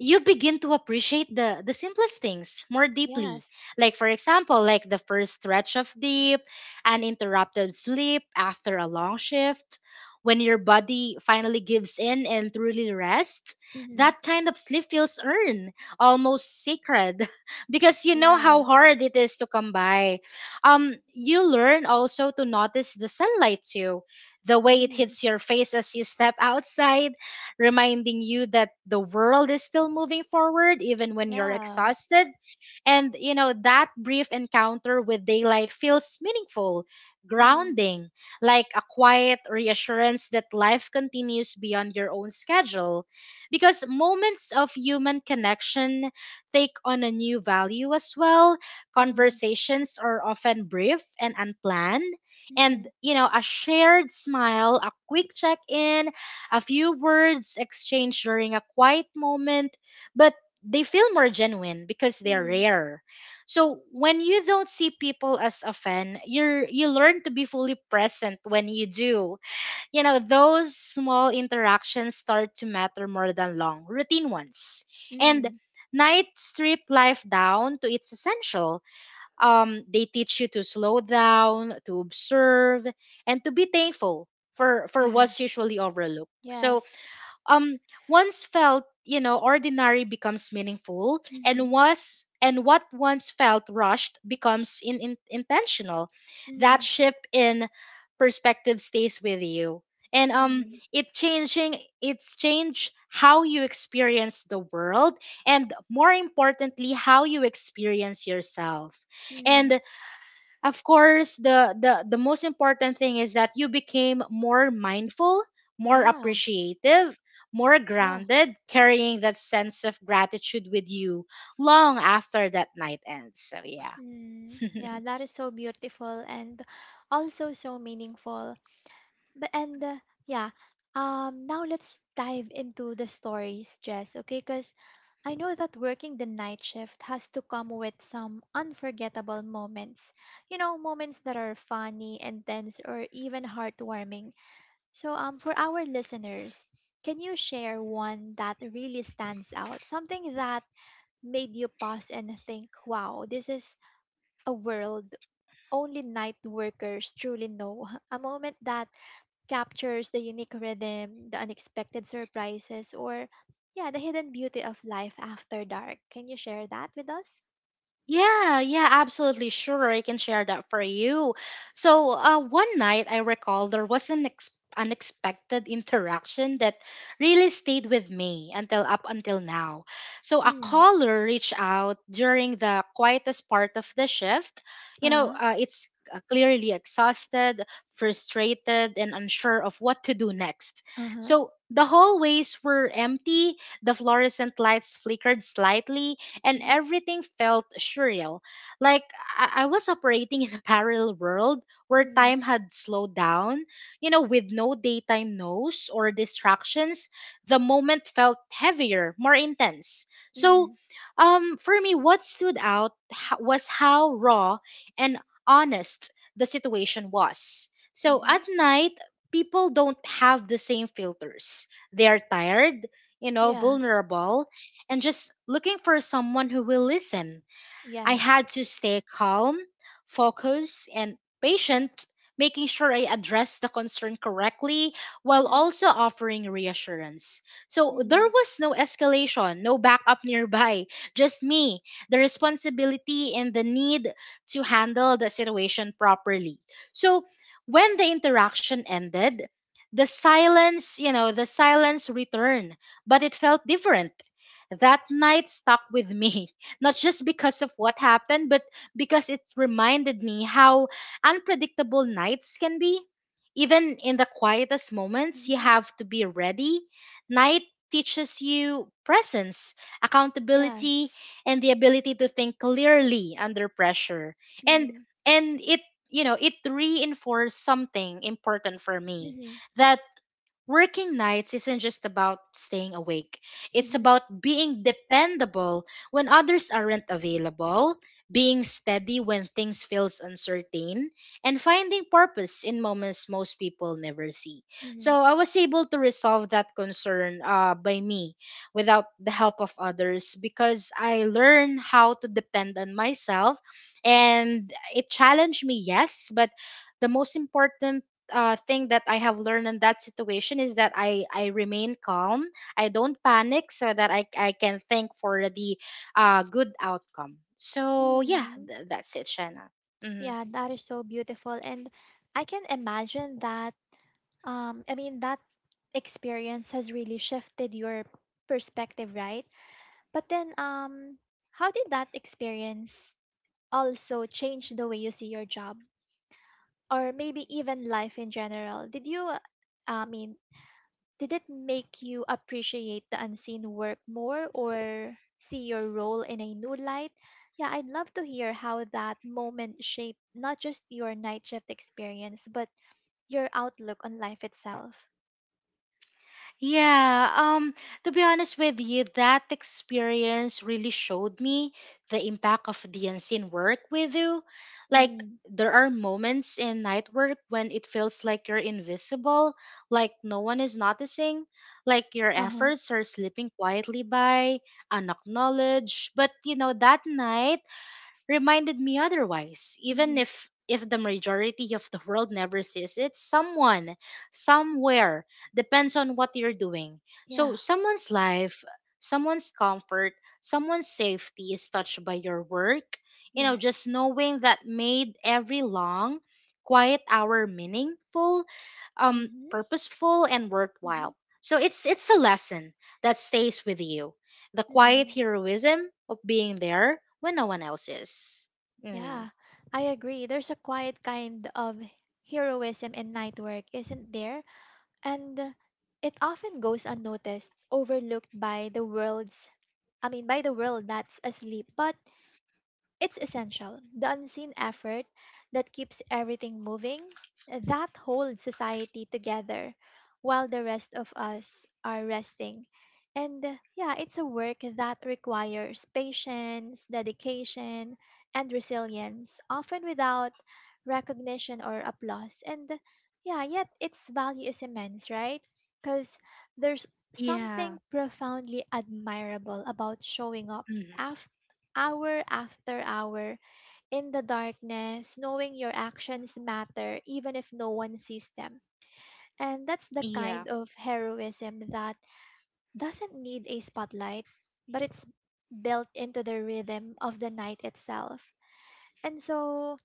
Speaker 2: you begin to appreciate the simplest things more deeply.
Speaker 1: Yes.
Speaker 2: Like, for example, like the first stretch of deep, an interrupted sleep after a long shift, when your body finally gives in and truly rests.
Speaker 1: Mhm.
Speaker 2: That kind of sleep feels earned, almost sacred [LAUGHS] because you know
Speaker 1: Yeah.
Speaker 2: how hard it is to come by. You learn also to notice the sunlight too, the way it
Speaker 1: Mhm.
Speaker 2: hits your face as you step outside, reminding you that the world is still moving forward even when you're
Speaker 1: Yeah.
Speaker 2: exhausted. And, you know, that brief encounter with daylight feels meaningful,
Speaker 1: Mhm.
Speaker 2: grounding, like a quiet reassurance that life continues beyond your own schedule. Because moments of human connection take on a new value as well.
Speaker 1: Mhm.
Speaker 2: Conversations are often brief and unplanned. And,
Speaker 1: Mhm.
Speaker 2: you know, a shared smile, a quick check in, a few words exchanged during a quiet moment, but they feel more genuine because they're
Speaker 1: Mhm.
Speaker 2: rare. So when you don't see people as often, you learn to be fully present when you do. You know, those small interactions start to matter more than long routine ones. And
Speaker 1: Mhm.
Speaker 2: night strip life down to its essential. They teach you to slow down, to observe, and to be thankful for
Speaker 1: Yeah.
Speaker 2: what's usually overlooked. So
Speaker 1: Yes.
Speaker 2: um once felt, you know, ordinary becomes meaningful, and
Speaker 1: Mhm.
Speaker 2: was and what once felt rushed becomes intentional. That
Speaker 1: Mhm.
Speaker 2: shift in perspective stays with you, and
Speaker 1: Mhm.
Speaker 2: it's changed how you experience the world, and more importantly, how you experience yourself.
Speaker 1: Mhm.
Speaker 2: And of course, the most important thing is that you became more mindful, more
Speaker 1: Yeah.
Speaker 2: appreciative, more
Speaker 1: Yeah.
Speaker 2: grounded, carrying that sense of gratitude with you long after that night ends. So yeah.
Speaker 1: Mm, yeah,
Speaker 2: [LAUGHS]
Speaker 1: that is so beautiful and also so meaningful. But and yeah, now let's dive into the stories, Jess. Okay, because I know that working the night shift has to come with some unforgettable moments. You know, moments that are funny, intense, or even heartwarming. So, for our listeners, can you share one that really stands out? Something that made you pause and think, wow, this is a world only night workers truly know. [LAUGHS] A moment that captures the unique rhythm, the unexpected surprises, or yeah, the hidden beauty of life after dark. Can you share that with us?
Speaker 2: Yeah, yeah, absolutely sure. I can share that for you. So, one night I recall there was an unexpected interaction that really stayed with me until up until now. So, a
Speaker 1: Mm.
Speaker 2: caller reached out during the quietest part of the shift. You know,
Speaker 1: Uh
Speaker 2: it's clearly exhausted, frustrated, and unsure of what to do next.
Speaker 1: huh.
Speaker 2: So, the hallways were empty, the fluorescent lights flickered slightly, and
Speaker 1: Mhm.
Speaker 2: everything felt surreal. Like I was operating [LAUGHS] in a parallel world where
Speaker 1: Mhm.
Speaker 2: time had slowed down. You know, with no daytime noise or distractions, the moment felt heavier, more intense.
Speaker 1: Mhm.
Speaker 2: For me, what stood out was how raw and honest the situation was. So at
Speaker 1: Mhm.
Speaker 2: night, people don't have the same filters. They are tired, you know,
Speaker 1: Yeah.
Speaker 2: vulnerable, and just looking for someone who will listen. I
Speaker 1: Yes.
Speaker 2: had to stay calm, focused, and patient, making sure I addressed the concern correctly while
Speaker 1: Mhm.
Speaker 2: also offering reassurance. So there
Speaker 1: Mhm.
Speaker 2: was no escalation, no backup nearby, just me, the responsibility, and the need to handle the situation properly. So when the interaction ended, the silence, the silence returned, but it felt different. That night stuck with [LAUGHS] me not just because of what happened, but because it reminded me how unpredictable nights can be. Even in the quietest moments, you
Speaker 1: Mhm.
Speaker 2: have to be ready. Night teaches you presence, accountability,
Speaker 1: Yes.
Speaker 2: and the ability to think clearly under pressure. And
Speaker 1: Mhm.
Speaker 2: and it you know, it reinforced something important for me.
Speaker 1: Mhm.
Speaker 2: That working nights isn't just about staying awake. It's
Speaker 1: Mhm.
Speaker 2: about being dependable when others aren't available, being steady when things feels uncertain, and finding purpose in moments most people never see.
Speaker 1: Mhm.
Speaker 2: So I was able to resolve that concern by me without the help of others because I learned how to depend on myself, and it challenged me, yes, but the most important thing that I have learned in that situation is that I remain calm. I don't panic so that I can think for the good outcome. So, yeah,
Speaker 1: Mhm.
Speaker 2: that's it, Shanna. Mm-hmm.
Speaker 1: Yeah, that is so beautiful, and I can imagine that. I mean that experience has really shifted your perspective, right? But then, how did that experience also change the way you see your job or maybe even life in general? Did you, I mean, did it make you appreciate the unseen work more or see your role in a new light? Yeah, I'd love to hear how that moment shaped not just your night shift experience, but your outlook on life itself.
Speaker 2: Yeah, to be honest with you, that experience really showed me the impact of the unseen work with you. Like,
Speaker 1: Mm.
Speaker 2: there are moments in night work when it feels like you're invisible, like no one is noticing, like your
Speaker 1: Uh huh.
Speaker 2: efforts are slipping quietly by, unacknowledged. But you know, that night reminded me otherwise. Even
Speaker 1: Mm-hmm.
Speaker 2: if the majority of the world never sees it, someone, somewhere, depends on what you're doing. So
Speaker 1: Yeah.
Speaker 2: someone's life, someone's comfort, someone's safety is touched by your work. You know, just
Speaker 1: Yes.
Speaker 2: knowing that made every long, quiet hour meaningful,
Speaker 1: Mm-hmm.
Speaker 2: purposeful, and worthwhile. So it's a lesson that stays with you, the quiet
Speaker 1: Mm-hmm.
Speaker 2: heroism of being there when no one else is. Mm.
Speaker 1: Yeah, I agree. There's a quiet kind of heroism in night work, isn't there? And it often goes unnoticed, overlooked by the world's I mean by the world that's asleep. But it's essential, the unseen effort that keeps everything moving, that holds society together while the rest of us are resting. And yeah, it's a work that requires patience, dedication, and resilience, often without recognition or applause. And yeah, yet its value is immense, right? Because there's
Speaker 2: Yeah.
Speaker 1: something profoundly admirable about showing up
Speaker 2: Mm.
Speaker 1: after after hour in the darkness, knowing your actions matter even if no one sees them. And that's the
Speaker 2: Yeah.
Speaker 1: kind of heroism that doesn't need a spotlight, but it's built into the rhythm of the night itself. And so,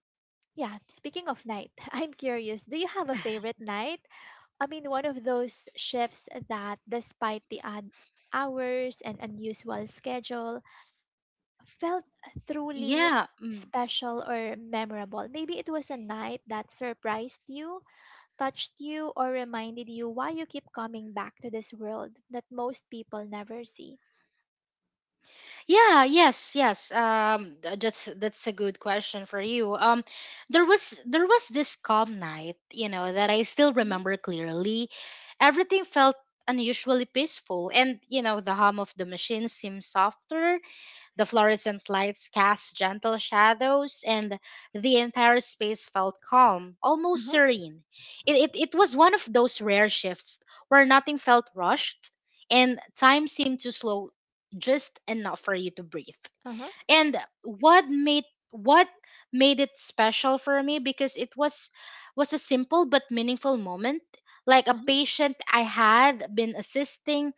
Speaker 1: yeah, speaking of night, [LAUGHS] I'm curious, do you have a favorite night? I mean, one of those shifts that, despite the odd hours and unusual schedule, felt truly
Speaker 2: Yeah. Mm.
Speaker 1: special or memorable? Maybe it was a night that surprised you, touched you, or reminded you why you keep coming back to this world that most people never see.
Speaker 2: Yeah, yes, yes. That's a good question for you. There was this calm night, you know, that I still
Speaker 1: Mm-hmm.
Speaker 2: remember clearly. Everything felt unusually peaceful, and you know the hum of the machine seemed softer. The fluorescent lights cast gentle shadows, and the entire space felt calm, almost
Speaker 1: Uh-huh.
Speaker 2: serene. It was one of those rare shifts where nothing felt rushed, and time seemed to slow just enough for you to breathe.
Speaker 1: Uh-huh.
Speaker 2: And what made what made it special for me, because it was a simple but meaningful moment, like a
Speaker 1: Uh-huh.
Speaker 2: patient I had been assisting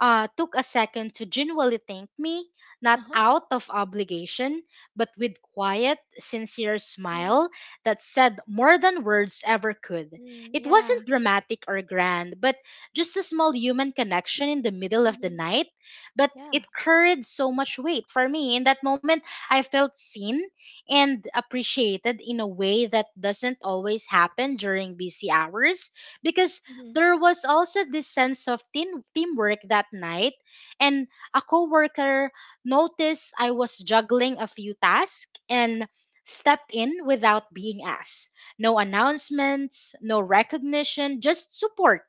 Speaker 2: took a second to genuinely thank me, not
Speaker 1: Uh-huh.
Speaker 2: out of obligation, but with quiet, sincere smile
Speaker 1: Mm-hmm.
Speaker 2: that said more than words ever could.
Speaker 1: Mm,
Speaker 2: It
Speaker 1: yeah.
Speaker 2: wasn't dramatic or grand, but just a small human connection in the middle of the
Speaker 1: Mm-hmm.
Speaker 2: night. But
Speaker 1: Yeah.
Speaker 2: it carried so much weight for me. In that moment, I felt seen and appreciated in a way that doesn't always happen during busy hours, because
Speaker 1: Mm-hmm.
Speaker 2: there was also this sense of teamwork that night, and a coworker noticed I was juggling a few tasks and stepped in without being asked. No announcements, no recognition, just support.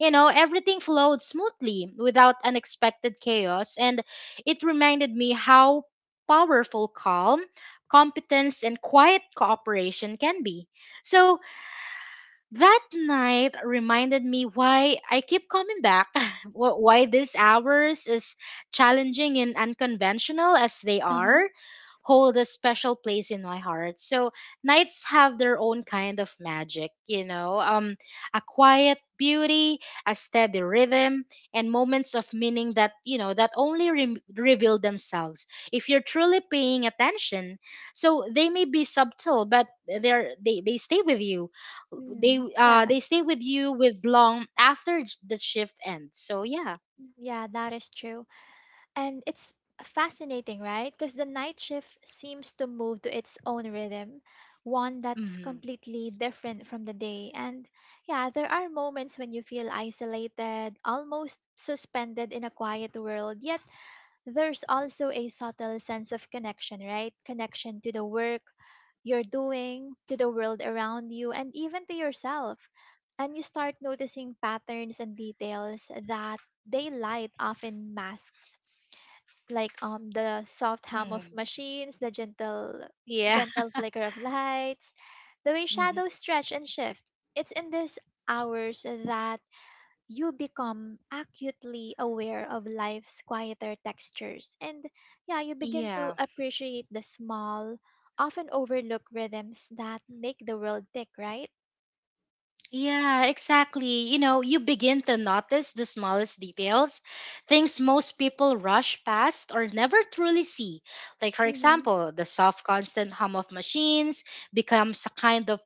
Speaker 2: You know, everything flowed smoothly without unexpected chaos, and it reminded me how powerful calm, competence, and quiet cooperation can be. So, that night reminded me why I keep coming back, [LAUGHS] why these hours, as challenging and unconventional as they
Speaker 1: Uh-huh.
Speaker 2: are, hold a special place in my heart. So, nights have their own kind of magic, you know, a quiet beauty, a steady rhythm, and moments of meaning that, you know, that only reveal themselves if you're truly paying attention. So, they may be subtle, but they stay with you. they
Speaker 1: Mm,
Speaker 2: uh
Speaker 1: yeah,
Speaker 2: they stay with you with long after the shift ends, so yeah.
Speaker 1: mm, yeah, that is true. And it's fascinating, right? Because the night shift seems to move to its own rhythm, one that's
Speaker 2: Mm-hmm.
Speaker 1: completely different from the day. And yeah, there are moments when you feel isolated, almost suspended in a quiet world, yet there's also a subtle sense of connection, right? Connection to the work you're doing, to the world around you, and even to yourself. And you start noticing patterns and details that daylight often masks, like the soft hum of
Speaker 2: Mm-hmm.
Speaker 1: machines, the
Speaker 2: Yeah.
Speaker 1: gentle flicker of lights, the way
Speaker 2: [LAUGHS]
Speaker 1: shadows
Speaker 2: Mm-hmm.
Speaker 1: stretch and shift. It's in these hours that you become acutely aware of life's quieter textures, and yeah, you begin to
Speaker 2: Yeah.
Speaker 1: appreciate the small, often overlooked rhythms that make the world tick, right?
Speaker 2: Yeah, exactly. You know, you begin to notice the smallest details, things most people rush past or never truly see. Like, for
Speaker 1: Mm-hmm.
Speaker 2: example, the soft, constant hum of machines becomes a kind of,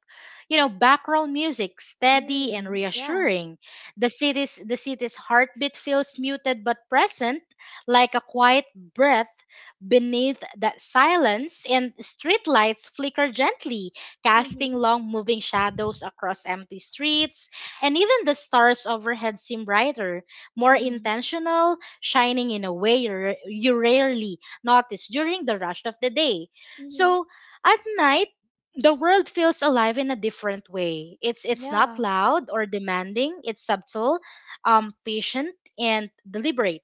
Speaker 2: you know, background music, steady and
Speaker 1: Mm, yeah.
Speaker 2: reassuring. The city's heartbeat feels muted but present, like a quiet breath beneath that silence, and streetlights flicker gently, casting
Speaker 1: Mm-hmm.
Speaker 2: long moving shadows across empty streets, and even the stars overhead seem brighter, more
Speaker 1: Mm,
Speaker 2: intentional, shining in a way you you rarely notice during the rush of the day.
Speaker 1: mm-hmm,
Speaker 2: So at night, the world feels alive in a different way. It's not
Speaker 1: yeah.
Speaker 2: loud or demanding. It's subtle, patient and deliberate.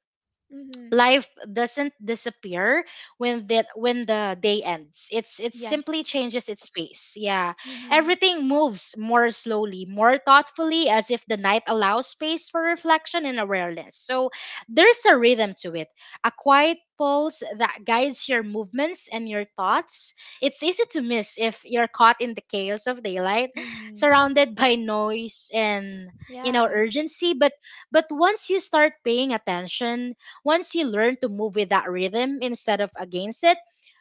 Speaker 1: Mm-hmm.
Speaker 2: Life doesn't disappear when the day ends. It simply
Speaker 1: Yes.
Speaker 2: changes its pace, yeah.
Speaker 1: Mm-hmm.
Speaker 2: Everything moves more slowly, more thoughtfully, as if the night allows space for reflection and awareness. So there's a rhythm to it, a quiet pulse that guides your movements and your thoughts. It's easy to miss if you're caught in the chaos of daylight,
Speaker 1: Mm-hmm.
Speaker 2: surrounded by noise and, you know,
Speaker 1: Yeah.
Speaker 2: urgency, but once you start paying attention, once you learn to move with that rhythm instead of against it,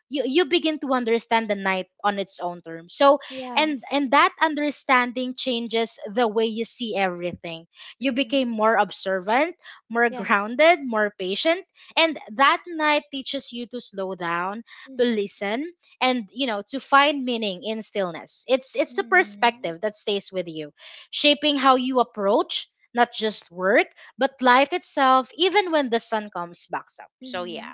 Speaker 2: you begin to understand the night on its own terms. And
Speaker 1: Yes.
Speaker 2: and that understanding changes the way you see everything. You became
Speaker 1: Mm.
Speaker 2: more observant, more
Speaker 1: Yes.
Speaker 2: grounded, more patient, and that night teaches you to slow down, to
Speaker 1: Mm-hmm.
Speaker 2: listen, and you know, to find meaning in stillness. It's a
Speaker 1: Mm-hmm.
Speaker 2: perspective that stays with you, shaping how you approach not just work but life itself, even when the sun comes, backs up. So yeah.
Speaker 1: Mm-hmm.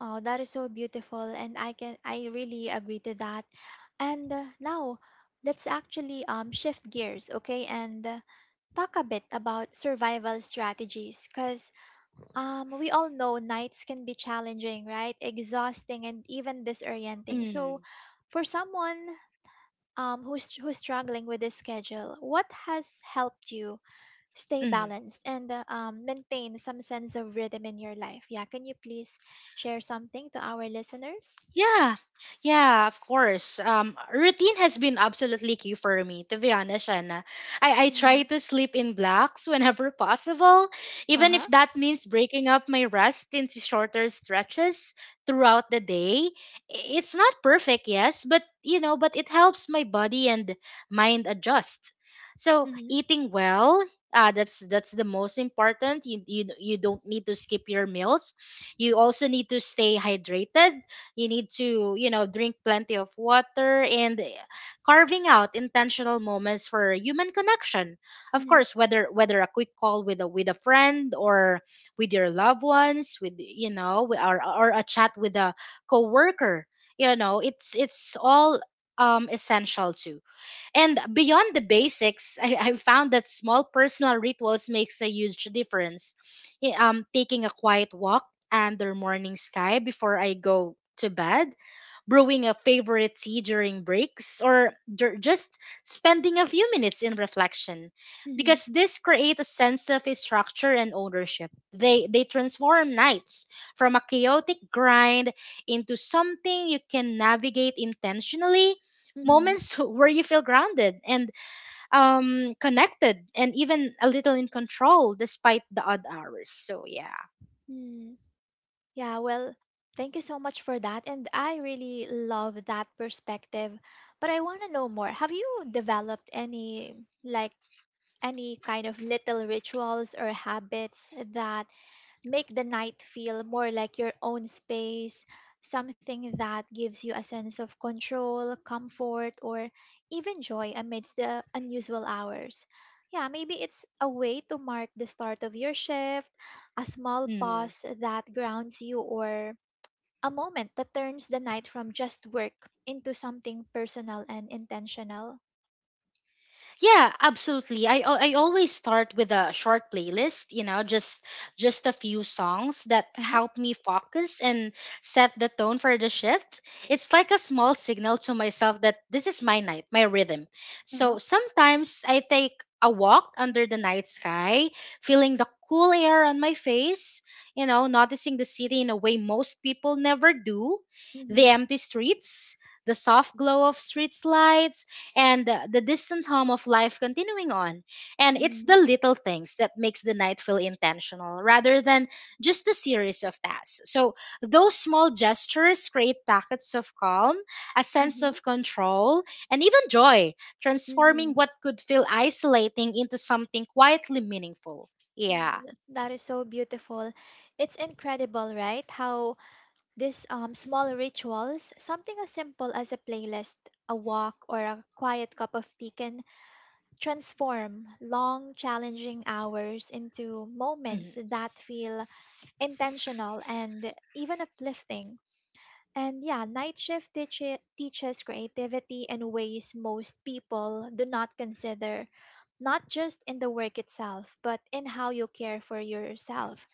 Speaker 1: Oh, that is so beautiful, and I really agree to that. And now, let's actually shift gears, okay, and talk a bit about survival strategies, because we all know nights can be challenging, right? Exhausting and even disorienting.
Speaker 2: Mm-hmm.
Speaker 1: So, for someone who's struggling with this schedule, what has helped you stay balanced and maintain some sense of rhythm in your life? Yeah, can you please share something to our listeners?
Speaker 2: Yeah, yeah, of course. Routine has been absolutely key for me, to be honest, Shanna. I try
Speaker 1: Mm-hmm.
Speaker 2: to sleep in blocks [LAUGHS] whenever possible,
Speaker 1: Uh
Speaker 2: even
Speaker 1: huh.
Speaker 2: if that means breaking up my rest into shorter stretches throughout the day. It's not perfect, yes, but you know, but it helps my body and mind adjust. So
Speaker 1: Mhm.
Speaker 2: eating well, that's the most important. You don't need to skip your meals. You also need to stay hydrated, you need to, you know, drink plenty of water, and carving out intentional moments for human connection, of
Speaker 1: Mhm.
Speaker 2: course, whether a quick call with a friend or with your loved ones, with, you know, or a chat with a coworker. You know, it's all, um, essential too. And beyond the basics, I found that small personal rituals makes a huge difference. Taking a quiet walk under morning sky before I go to bed, brewing a favorite tea during breaks, or just spending a few minutes in reflection,
Speaker 1: Mhm.
Speaker 2: because this create a sense of structure and ownership. They transform nights from a chaotic grind into something you can navigate intentionally,
Speaker 1: Mhm.
Speaker 2: moments [LAUGHS] where you feel grounded and, connected, and even a little in control despite the odd hours. So, yeah.
Speaker 1: Mhm. Yeah, well, thank you so much for that. And I really love that perspective. But I want to know more. Have you developed any, like, any kind of little rituals or habits that make the night feel more like your own space, something that gives you a sense of control, comfort, or even joy amidst the unusual hours? Yeah, maybe it's a way to mark the start of your shift, a small
Speaker 2: Mm.
Speaker 1: pause that grounds you, or a moment that turns the night from just work into something personal and intentional.
Speaker 2: Yeah, absolutely. I always start with a short playlist, you know, just a few songs that
Speaker 1: Uh huh.
Speaker 2: help me focus and set the tone for the shift. It's like a small signal to myself that this is my night, my rhythm.
Speaker 1: Uh huh.
Speaker 2: So sometimes I take a walk under the night sky, feeling the cool air on my face, you know, noticing the city in a way most people never do, the
Speaker 1: Mm-hmm.
Speaker 2: empty streets, the soft glow of street lights, and the distant hum of life continuing on. And it's
Speaker 1: Mm-hmm.
Speaker 2: the little things that makes the night feel intentional rather than just a series of tasks. So those small gestures create packets of calm, a sense of control, and even joy, transforming
Speaker 1: Mm-hmm.
Speaker 2: what could feel isolating into something quietly meaningful. Yeah.
Speaker 1: That is so beautiful. It's incredible, right? How these small rituals, something as simple as a playlist, a walk, or a quiet cup of tea, can transform long, challenging hours into moments
Speaker 2: Mhm.
Speaker 1: that feel intentional and even uplifting. And yeah, teaches creativity in ways most people do not consider, not just in the work itself, but in how you care for yourself.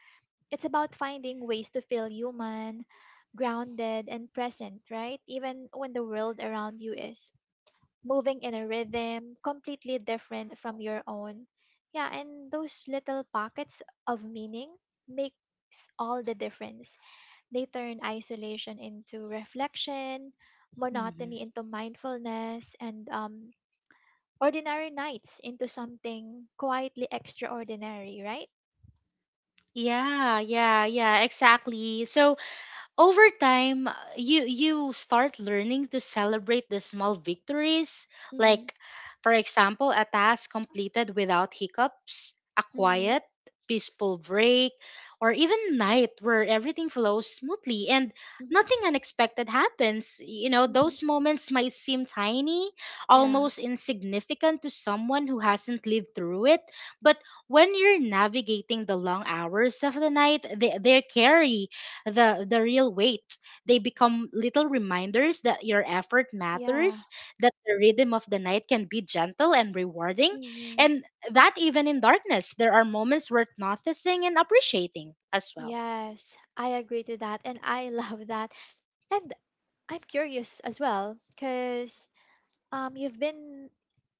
Speaker 1: It's about finding ways to feel human, grounded, and present, right? Even when the world around you is moving in a rhythm completely different from your own. Yeah, and those little pockets of meaning makes all the difference. They turn isolation into reflection,
Speaker 2: Mhm.
Speaker 1: monotony into mindfulness, and ordinary nights into something quietly extraordinary, right?
Speaker 2: Yeah, yeah, yeah, exactly. So over time, you start learning to celebrate the small victories,
Speaker 1: Mm-hmm.
Speaker 2: like, for example, a task completed without hiccups, a
Speaker 1: Mm-hmm.
Speaker 2: quiet peaceful break, or even a night where everything flows smoothly and nothing
Speaker 1: Mm-hmm.
Speaker 2: unexpected happens. You know,
Speaker 1: Mm-hmm.
Speaker 2: those moments might seem tiny,
Speaker 1: Yeah.
Speaker 2: almost insignificant to someone who hasn't lived through it, but when you're navigating the long hours of the night, they carry the real weight. They become little reminders that your effort
Speaker 1: Yeah.
Speaker 2: matters, that the rhythm of the night can be gentle and rewarding,
Speaker 1: Hmm.
Speaker 2: and that even in darkness there are moments worth noticing and appreciating as well.
Speaker 1: Yes, I agree to that and I [LAUGHS] love that. And I'm curious as well because you've been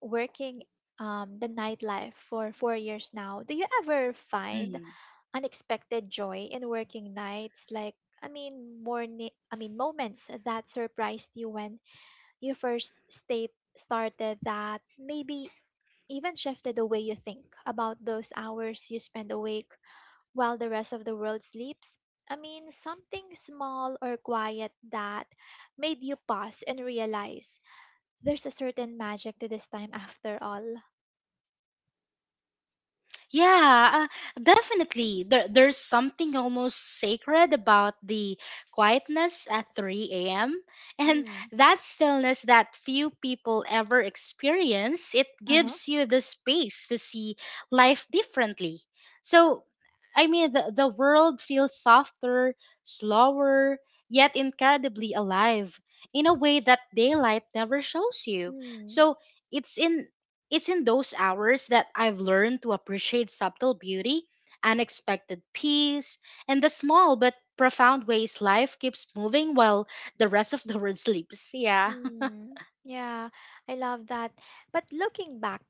Speaker 1: working the nightlife for 4 years now. Do you ever find
Speaker 2: Mm-hmm.
Speaker 1: unexpected joy in working nights, like I mean moments that surprised you when you first state started that maybe even shifted the way you think about those hours you spend awake while the rest of the world sleeps? I mean, something small or quiet that made you pause and realize there's a certain magic to this time after all.
Speaker 2: Yeah, definitely. There's something almost sacred about the quietness at 3 a.m. [LAUGHS] And
Speaker 1: Mm.
Speaker 2: that stillness that few people ever experience, it
Speaker 1: Uh huh.
Speaker 2: gives you the space to see life differently. So, the world feels softer, slower, yet incredibly alive in a way that daylight never shows you.
Speaker 1: Hmm.
Speaker 2: So, it's in it's in those hours that I've learned to appreciate subtle beauty, unexpected peace, and the small but profound ways life keeps moving while the rest of the world [LAUGHS] sleeps. Yeah.
Speaker 1: Mm, yeah, I love that. But looking back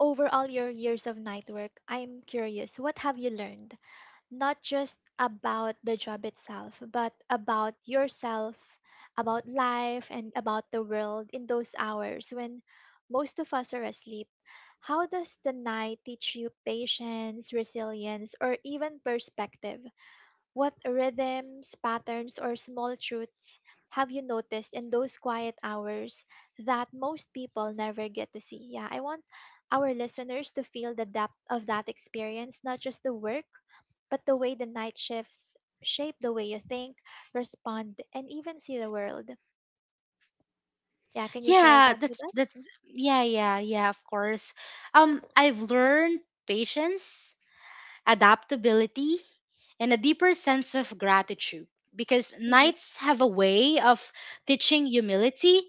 Speaker 1: over all your years of night work, I'm curious, what have you learned? Not just about the job itself, but about yourself, about life, and about the world in those hours when most of us are asleep. How does the night teach you patience, resilience, or even perspective? What rhythms, patterns, or small truths have you noticed in those quiet hours that most people never get to see? Yeah, I want our listeners to feel the depth of that experience, not just the work but the way the night shifts shape the way you think, respond, and even see the world. Yeah, can you share that
Speaker 2: Yeah,
Speaker 1: with
Speaker 2: that's
Speaker 1: us?
Speaker 2: that's yeah, yeah, yeah, of course. I've learned patience, adaptability, and a deeper sense of gratitude because
Speaker 1: Mm-hmm.
Speaker 2: nights have a way of teaching humility.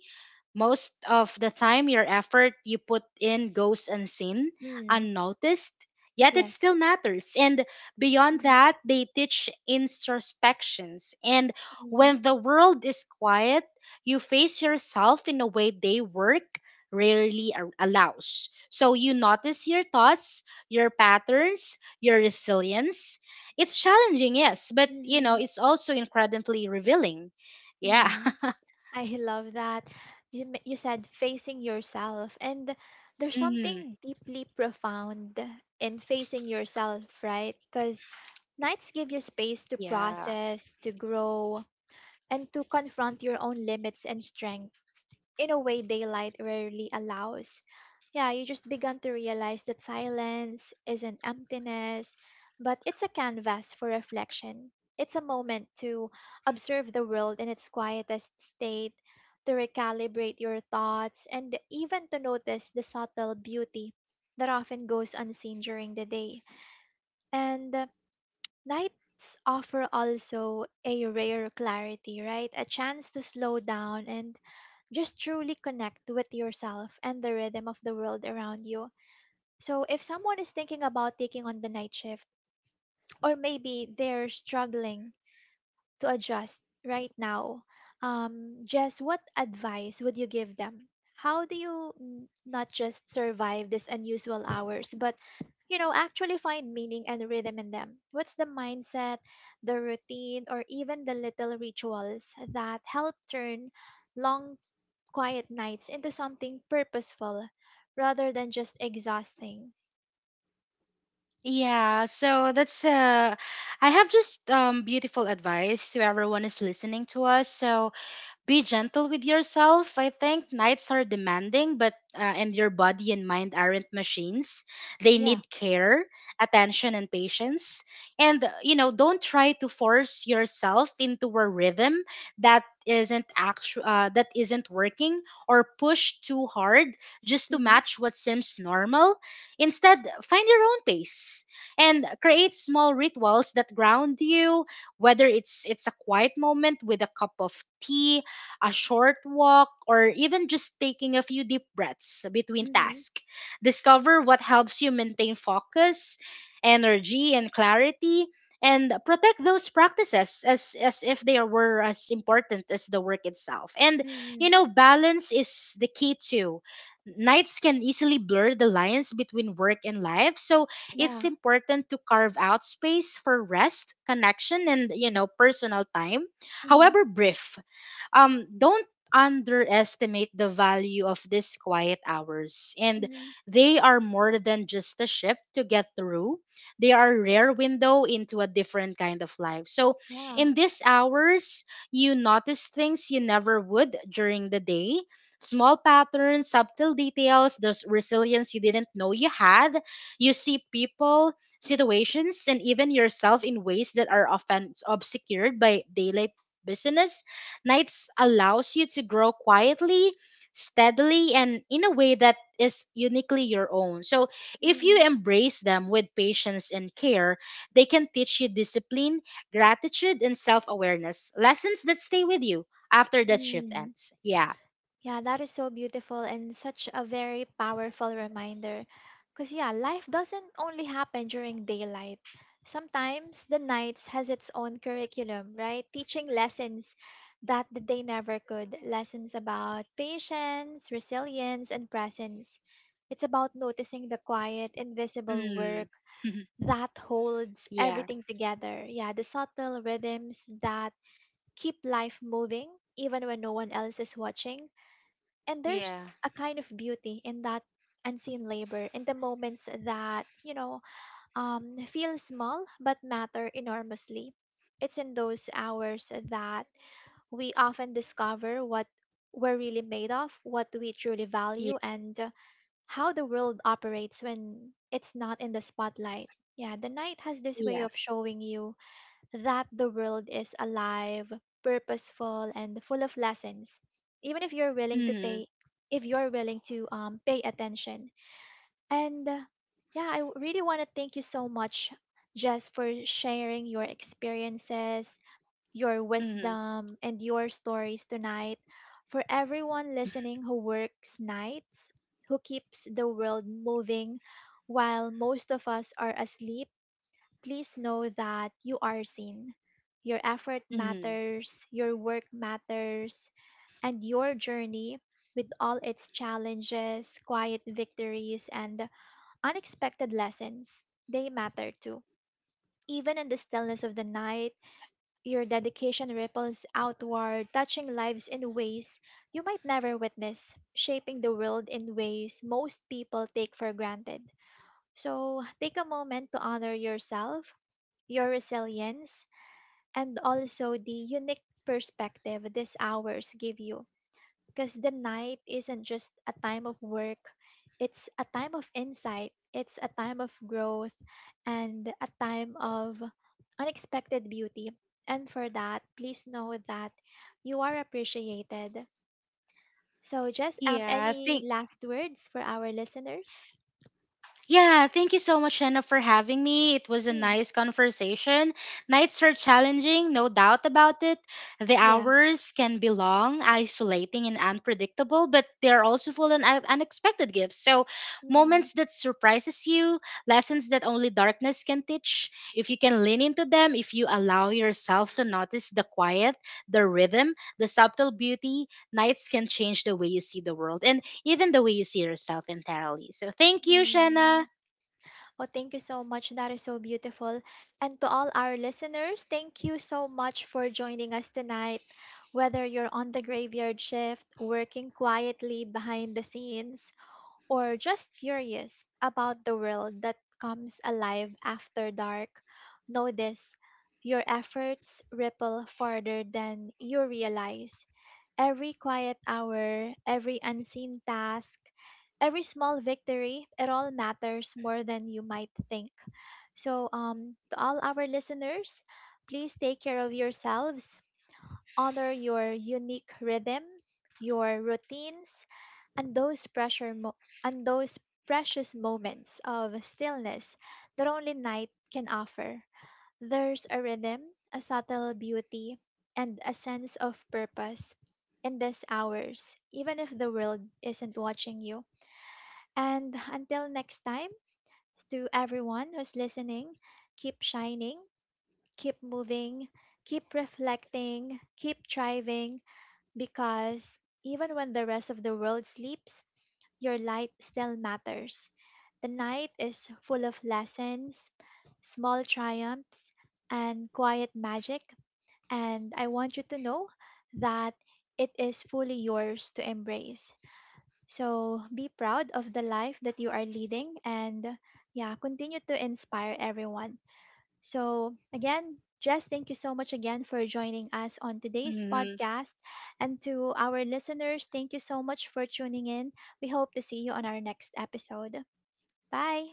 Speaker 2: Most of the time, your effort you put in goes unseen,
Speaker 1: Mm,
Speaker 2: unnoticed, yet it
Speaker 1: yes.
Speaker 2: still matters. And beyond
Speaker 1: Mm-hmm.
Speaker 2: that, they teach introspections. And
Speaker 1: Mm-hmm.
Speaker 2: when the world is quiet, you face yourself in a way they work rarely allows. So you notice your thoughts, your patterns, your resilience. It's challenging, yes, but you know,
Speaker 1: Mm-hmm.
Speaker 2: it's also incredibly revealing. Yeah.
Speaker 1: Mm.
Speaker 2: [LAUGHS]
Speaker 1: I love that. You said facing yourself, and there's
Speaker 2: hmm
Speaker 1: something deeply profound in facing yourself, right? Because nights give you space to
Speaker 2: Yeah.
Speaker 1: process, to grow, and to confront your own limits and strengths in a way daylight rarely allows. Yeah, you just begun to realize that silence isn't emptiness, but it's a canvas for reflection. It's a moment to observe the world in its quietest state, to recalibrate your thoughts, and even to notice the subtle beauty that often goes unseen during the day. And Nights offer also a rare clarity, right? A chance to slow down and just truly connect with yourself and the rhythm of the world around you. So, if someone is thinking about taking on the night shift, or maybe they're struggling to adjust right now, Jess, what advice would you give them? How do you not just survive these unusual hours, but actually find meaning and rhythm in them? What's the mindset, the routine, or even the little rituals that help turn long quiet nights into something purposeful rather than just exhausting?
Speaker 2: Yeah, so that's I have just beautiful advice to everyone is listening to us. So be gentle with yourself. I think nights are demanding, but and your body and mind aren't machines. They
Speaker 1: Yeah.
Speaker 2: need care, attention, and patience. And you know, don't try to force yourself into a rhythm that isn't working or push too hard just to
Speaker 1: Mhm.
Speaker 2: match what seems normal. Instead, find your own pace and create small rituals that ground you, whether it's a quiet moment with a cup of tea, a short walk, or even just taking a few deep breaths between
Speaker 1: Mhm.
Speaker 2: tasks. Discover what helps you maintain focus, energy, and clarity, and protect those practices as if they were as important as the work itself. And, you
Speaker 1: Mhm.
Speaker 2: know, balance is the key too. Nights can easily blur the lines between work and life, so it's
Speaker 1: Yeah.
Speaker 2: important to carve out space for rest, connection, and you know personal time,
Speaker 1: Mhm.
Speaker 2: however brief. Don't underestimate the value of these quiet hours. And
Speaker 1: Mhm.
Speaker 2: they are more than just a shift to get through. They are a rare window into a different kind of life. So
Speaker 1: Yeah.
Speaker 2: in these hours, you notice things you never would during the day: small patterns, subtle details, those resilience you didn't know you had. You see people, situations, and even yourself in ways that are often obscured by daylight business. Nights allows you to grow quietly, steadily, and in a way that is uniquely your own. So, if you
Speaker 1: Mhm.
Speaker 2: embrace them with patience and care, they can teach you discipline, gratitude, and self awareness. Lessons that stay with you after that shift
Speaker 1: Mhm.
Speaker 2: ends. Yeah.
Speaker 1: Yeah, that is so beautiful and such a very powerful reminder. Because, yeah, life doesn't only happen during daylight. Sometimes the nights has its own curriculum, right? Teaching lessons that the day never could. Lessons about patience, resilience, and presence. It's about noticing the quiet, invisible
Speaker 2: Mm.
Speaker 1: work
Speaker 2: [LAUGHS]
Speaker 1: that holds
Speaker 2: yeah.
Speaker 1: everything together. Yeah, the subtle rhythms that keep life moving even when no one else is watching, and there's
Speaker 2: Yeah.
Speaker 1: a kind of beauty in that unseen labor, in the moments that feel small but matter enormously. It's in those hours that we often discover what we're really made of, what we truly value,
Speaker 2: Yeah.
Speaker 1: and how the world operates when it's not in the spotlight. Yeah, the night has this way
Speaker 2: Yeah.
Speaker 1: of showing you that the world is alive, purposeful, and full of lessons, even if you're willing to
Speaker 2: Mm.
Speaker 1: pay, if you're willing to pay attention. And Yeah, really want to thank you so much, Jess, for sharing your experiences, your
Speaker 2: Mm.
Speaker 1: wisdom, and your stories tonight. For everyone listening who works nights, who keeps the world moving while most of us are asleep. Please know that you are seen. Your effort
Speaker 2: Mm.
Speaker 1: matters, your work matters, and your journey, with all its challenges, quiet victories, and unexpected lessons, they matter too. Even in the stillness of the night, your dedication ripples outward, touching lives in ways you might never witness, shaping the world in ways most people take for granted. So take a moment to honor yourself, your resilience, and also the unique perspective these hours give you. Because the night isn't just a time of work, it's a time of insight, it's a time of growth, and a time of unexpected beauty. And for that, please know that you are appreciated. So, just
Speaker 2: Yeah. I
Speaker 1: any
Speaker 2: think.
Speaker 1: last words for our listeners?
Speaker 2: Yeah, thank you so much, Shanna, for having me. It was a
Speaker 1: Mm,
Speaker 2: nice conversation. Nights are challenging, no doubt about it. The
Speaker 1: yeah.
Speaker 2: hours can be long, isolating, and unpredictable, but they're also full of unexpected gifts. So,
Speaker 1: Mm,
Speaker 2: moments that surprises you, lessons that only darkness can teach. If you can lean into them, if you allow yourself to notice the quiet, the rhythm, the subtle beauty, nights can change the way you see the world. And even the way you see yourself entirely. So thank you, Shanna.
Speaker 1: mm. Oh, thank you so much. That is so beautiful. And to all our listeners, thank you so much for joining us tonight. Whether you're on the graveyard shift, working quietly behind the scenes, or just curious about the world that comes alive after dark, know this: your efforts ripple farther than you realize. Every quiet hour, every unseen task, every small victory, it all matters more than you might think. So, to all our listeners, please take care of yourselves, honor your unique rhythm, your routines, and and those precious moments of stillness that only night can offer. There's a rhythm, a subtle beauty, and a sense of purpose in these hours, even if the world isn't watching you. And until next time, to everyone who's listening, keep shining, keep moving, keep reflecting, keep thriving, because even when the rest of the world sleeps, your light still matters. The night is full of lessons, small triumphs, and quiet magic, and I want you to know that it is fully yours to embrace. So be proud of the life that you are leading, and yeah, continue to inspire everyone. So again, Jess, thank you so much again for joining us on today's
Speaker 2: Mhm.
Speaker 1: podcast. And to our listeners, thank you so much for tuning in. We hope to see you on our next episode. Bye.